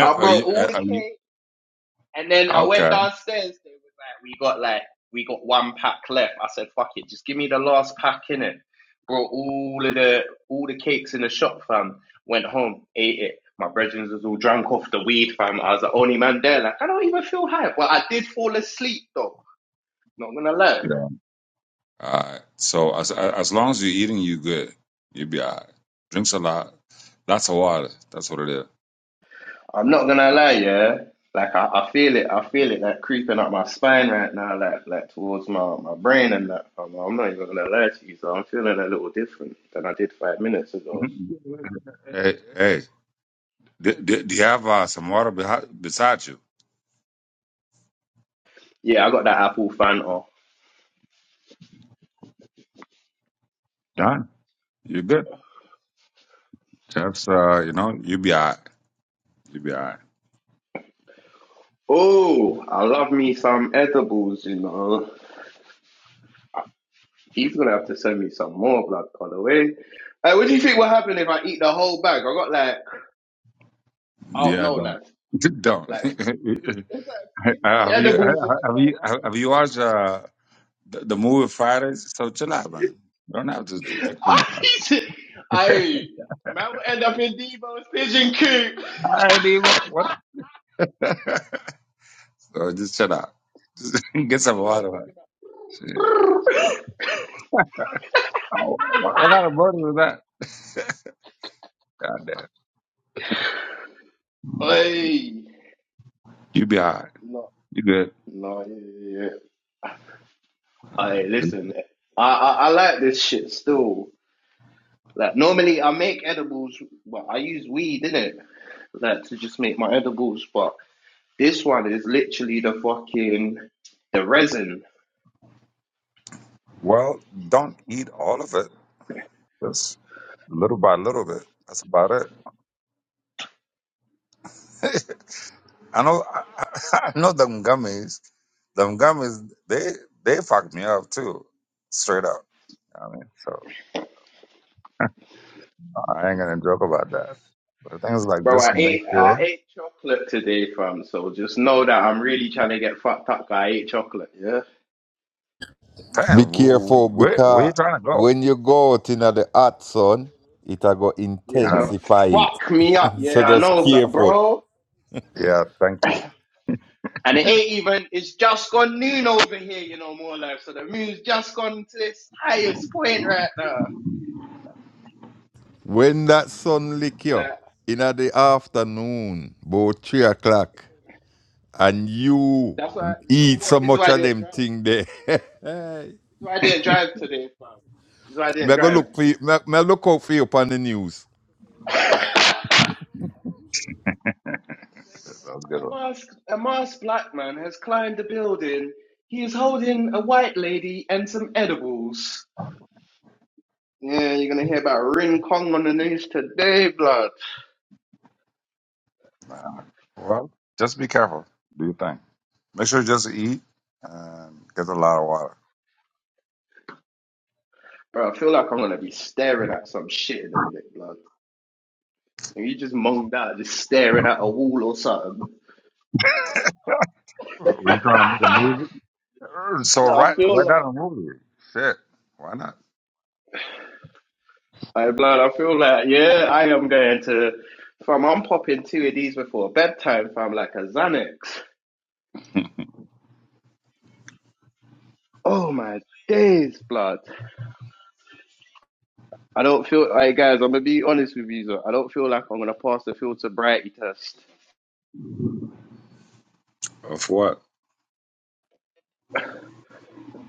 B: I
F: are
B: brought
F: you,
B: all the
F: are you,
B: cake, and then I went
F: okay?
B: downstairs. They was like, "We got like we got one pack left." I said, "Fuck it, just give me the last pack in it." Brought all of the all the cakes in the shop, fam. Went home, ate it. My brethren was all drunk off the weed, fam. I was the only man there. Like, I don't even feel high. Well, I did fall asleep though. Not gonna lie.
F: All right. So as as long as you're eating, you good. You'll be all right. Drinks a lot, lots of water. That's what it is.
B: I'm not gonna lie, yeah. Like I, I feel it, I feel it like creeping up my spine right now, like like towards my, my brain and that. I'm, I'm not even gonna lie to you, so I'm feeling a little different than I did five minutes ago.
F: hey, hey, do, do, do you have uh, some water behi- beside you?
B: Yeah, I got that apple Fanta.
F: Done. You're good. That's uh, you know, you'll be all right. You'll be all right.
B: Oh, I love me some edibles, you know. He's gonna have to send me some more blood colorway. Hey, what do you think will happen if I eat the whole bag? I got like, I don't
F: Yeah,
B: know,
F: don't
B: like,
F: don't.
B: like there's like
F: Uh,
B: 50
F: have you
B: edibles in the
F: have
B: bag.
F: you have you watched uh, the, the movie Fridays? So chill out, man. Don't have to take too much.
B: I man will end up in Devo's pigeon coop.
F: All right, Diego, what? So just shut up. Just get some
B: Over there
F: water. Man.
B: talking
F: Shit.
B: about.
F: Oh, What, what kind of burden is that? God damn.
B: Hey,
F: You be all right.
B: no,
F: You good.
B: no, yeah, yeah. yeah.
F: All right.
B: Hey,
F: Just-
B: listen, I, I I like this shit still. Like normally, I make edibles, but I use weed in it, like to just make my edibles. But this one is literally the fucking the resin.
F: Well, don't eat all of it. Just little by little bit. That's about it. I know. I, I I know them gummies. Them gummies. They they fucked me up too. Straight up. I mean, so I ain't gonna joke about that. But the thing is, like,
B: Bro,
F: just
B: I
F: make
B: ate I
F: sure.
B: ate chocolate today, fam. So just know that I'm really trying to get fucked up. 'cause I ate chocolate. Yeah,
H: Be
F: Damn, wh-
H: careful
F: wh- where where you
H: because
F: trying to go?
H: when you go out in the hot sun, it a go
B: yeah,
F: Uh,
B: it's gonna
H: intensify it.
B: fuck me up.
H: So
B: Yeah, I
H: just
B: know that,
H: careful.
B: bro.
F: Yeah, thank you.
B: And it ain't even. It's just gone noon over here, you know, more life. So the moon's just gone to its highest point right now.
H: When that sun lick you
B: Like,
H: in the afternoon, about three o'clock, and you
B: that's why. You know
H: eat so
B: what? This is
H: much
B: why I
H: of
B: didn't
H: them
B: drive. This
H: thing there.
B: is why I didn't drive today, fam. This is why I didn't
H: me I go
B: drive.
H: look for you, me, I- me I look out for you upon the news.
F: That was a good
B: A
F: one.
B: masked, a masked black man has climbed the building. He is holding a white lady and some edibles. Yeah, you're gonna hear about Ring Kong on the news today, blood.
F: Well, just be careful. Do you think? Make sure you just eat and get a lot of water.
B: Bro, I feel like I'm gonna be staring at some shit in a minute, blood. And you just monged out, just staring at a wall or something.
F: Were you trying to make a movie? Uh, So
B: Yeah, I
F: write
B: feel
F: write down
B: like,
F: a movie. Shit, why not?
B: I blood, I feel like, yeah, I am going to, fam, I'm popping two of these before bedtime, fam, like a Xanax. Oh my days, blood. I don't feel like guys. I'm gonna be honest with you, so I don't feel like I'm gonna pass the filter brighty test.
F: Of what?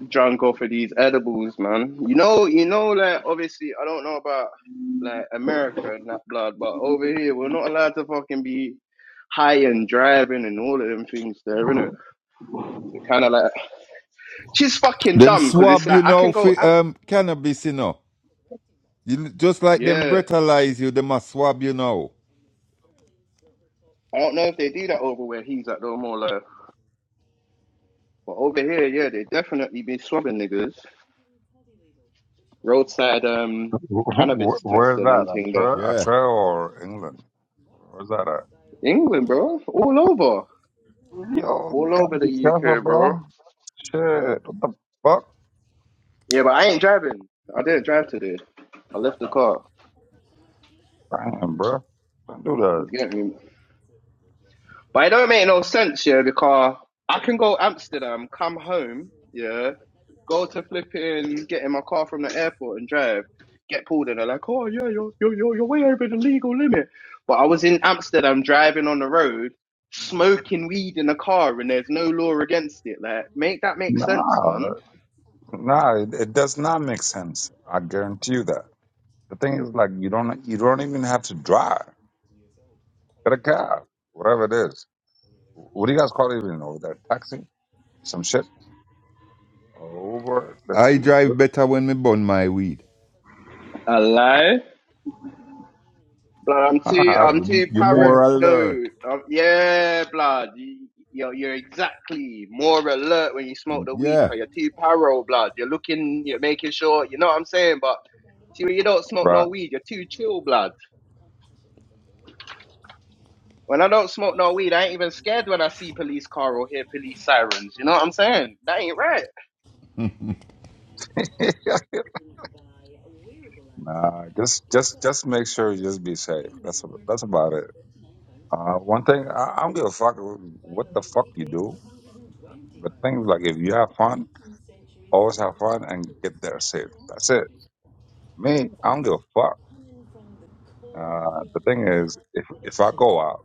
B: Drunk off of these edibles, man. You know, you know, like obviously, I don't know about like America and that blood, but over here, we're not allowed to fucking be high and driving and all of them things there, innit? So kind of like she's fucking
H: Them
B: dumb because it's
H: swab
B: like
H: you
B: I can
H: now
B: go,
H: for
B: i
H: um cannabis, you know. You, just like them
B: yeah.
H: brutalize you, them a swab you now.
B: I don't know if they do that over where he's at though, more like, but over here, yeah, they definitely be swabbing niggas. roadside um
F: Wh-
B: cannabis
F: wh- Where's
B: testing
F: that?
B: and thing there.
F: Australia,
H: Yeah.
F: Australia or England? Where's that at?
B: England, bro. All over.
F: Yo,
B: All
F: gotta
B: over
F: be
B: the
F: careful,
B: UK, bro.
F: bro. Shit, what the fuck?
B: Yeah, but I ain't driving. I didn't drive today. I left the car.
F: Damn, bro. Don't do
B: You
F: that.
B: get me? But it don't make no sense, yeah, because I can go Amsterdam, come home, yeah, go to flipping, get in my car from the airport and drive, get pulled and they're like, oh yeah, you're you're you're, you're way over the legal limit. But I was in Amsterdam driving on the road, smoking weed in the car, and there's no law against it. Like, make that make sense, man.
F: Nah, nah, it, it does not make sense. I guarantee you that. The thing is like you don't you don't even have to drive. Get a cab, whatever it is. What do you guys call it even over there? Taxi, some shit, or Uber. That's,
H: I drive better when me burn my weed.
B: Hello. Blood, I'm too,
F: uh,
H: 'Cause
B: I'm
H: You,
B: too
H: you
F: the thing
B: paranoid.
H: more
F: is,
H: alert.
B: Um, yeah, blood. You, you're, you're exactly more alert when you smoke
H: You-
B: the weed,
H: yeah.
B: cause you're too paro, blood. You're looking, you're making sure. You know what I'm saying? But see, when you don't smoke no
F: right?
B: weed, you're too chill, blood. When I don't smoke no weed, I ain't even scared when I see police car or hear police sirens. You know what I'm saying? That ain't right.
F: nah, just just just make sure you just be safe. That's a- that's about it. Uh, one thing I, I don't give a fuck what the fuck you do, but things like if you have fun, always have fun and get there safe. That's it. Me, I don't give a fuck. Uh, the thing is, if if I go out,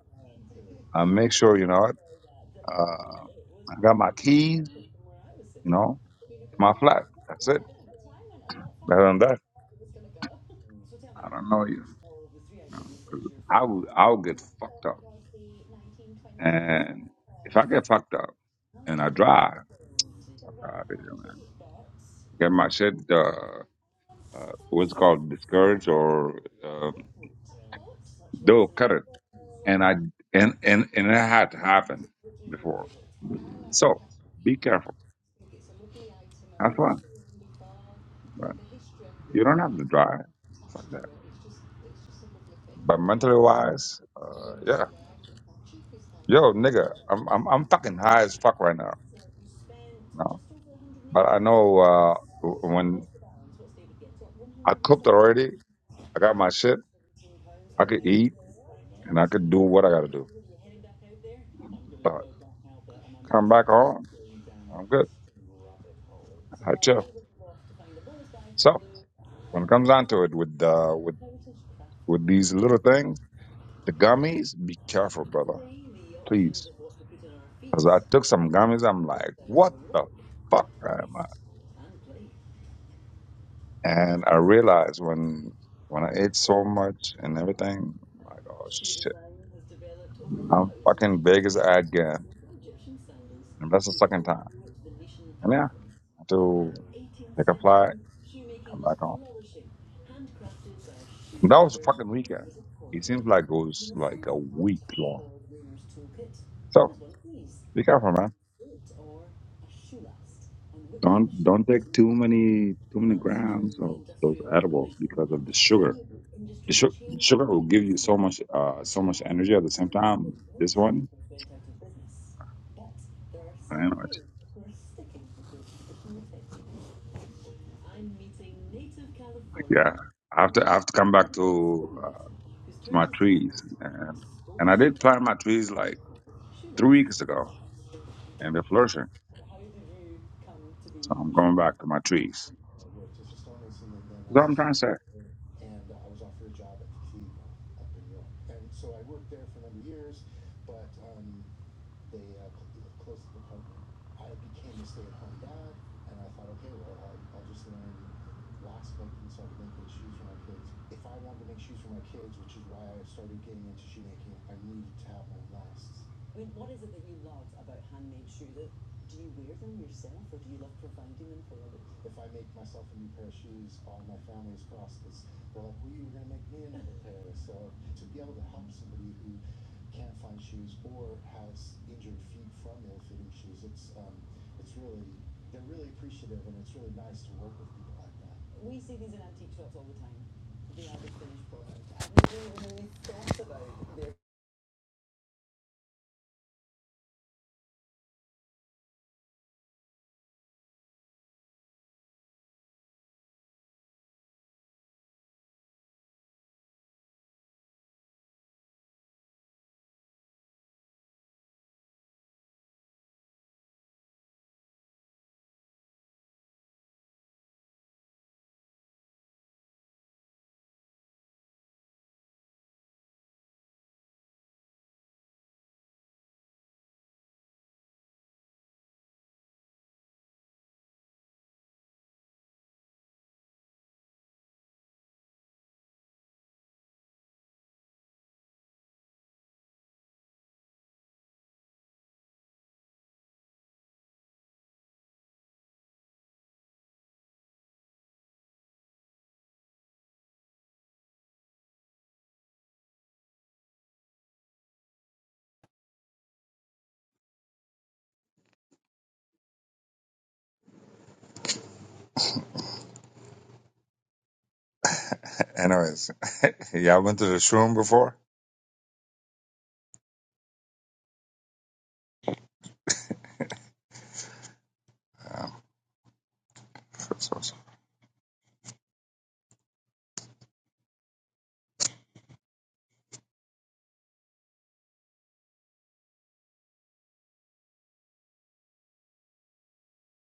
F: I make sure you know what. Uh, I got my keys, you know, my flat. That's it. Better than that, I don't know you. you know, 'cause I would, I would get fucked up. And if I get fucked up and I drive, I drive it, man. Get my shit, uh, uh, what's it called discouraged or um, they'll cut it. And I and and and it had to happen before. So be careful. Have fun. But you don't have to drive. Fuck that. But mentally wise, uh, yeah. Yo, nigga, I'm I'm I'm fucking high as fuck right now. No, but I know uh, w- when I cooked already, I got my shit. I could eat and I could do what I got to do. But come back home, I'm good. I chill. So when it comes down to it, with uh, with with these little things, the gummies, be careful, brother, please. Because I took some gummies, I'm like, what the fuck am I? And I realized when when I ate so much and everything, I'm like, oh shit I'm fucking big as I get. And that's the second time. And yeah, I have to take a flight, come back home. And that was a fucking weekend. It seems like it was like a week long. So be careful, man. Don't don't take too many too many grams of those edibles because of the sugar. The su- sugar will give you so much uh so much energy at the same time. This one, anyway, yeah. I have to I have to come back to uh, to my trees and and I did plant my trees like three weeks ago and they're flourishing. So I'm going back to my trees. That's what I'm trying to say. Interesting. Y'all been to the shroom before? Um,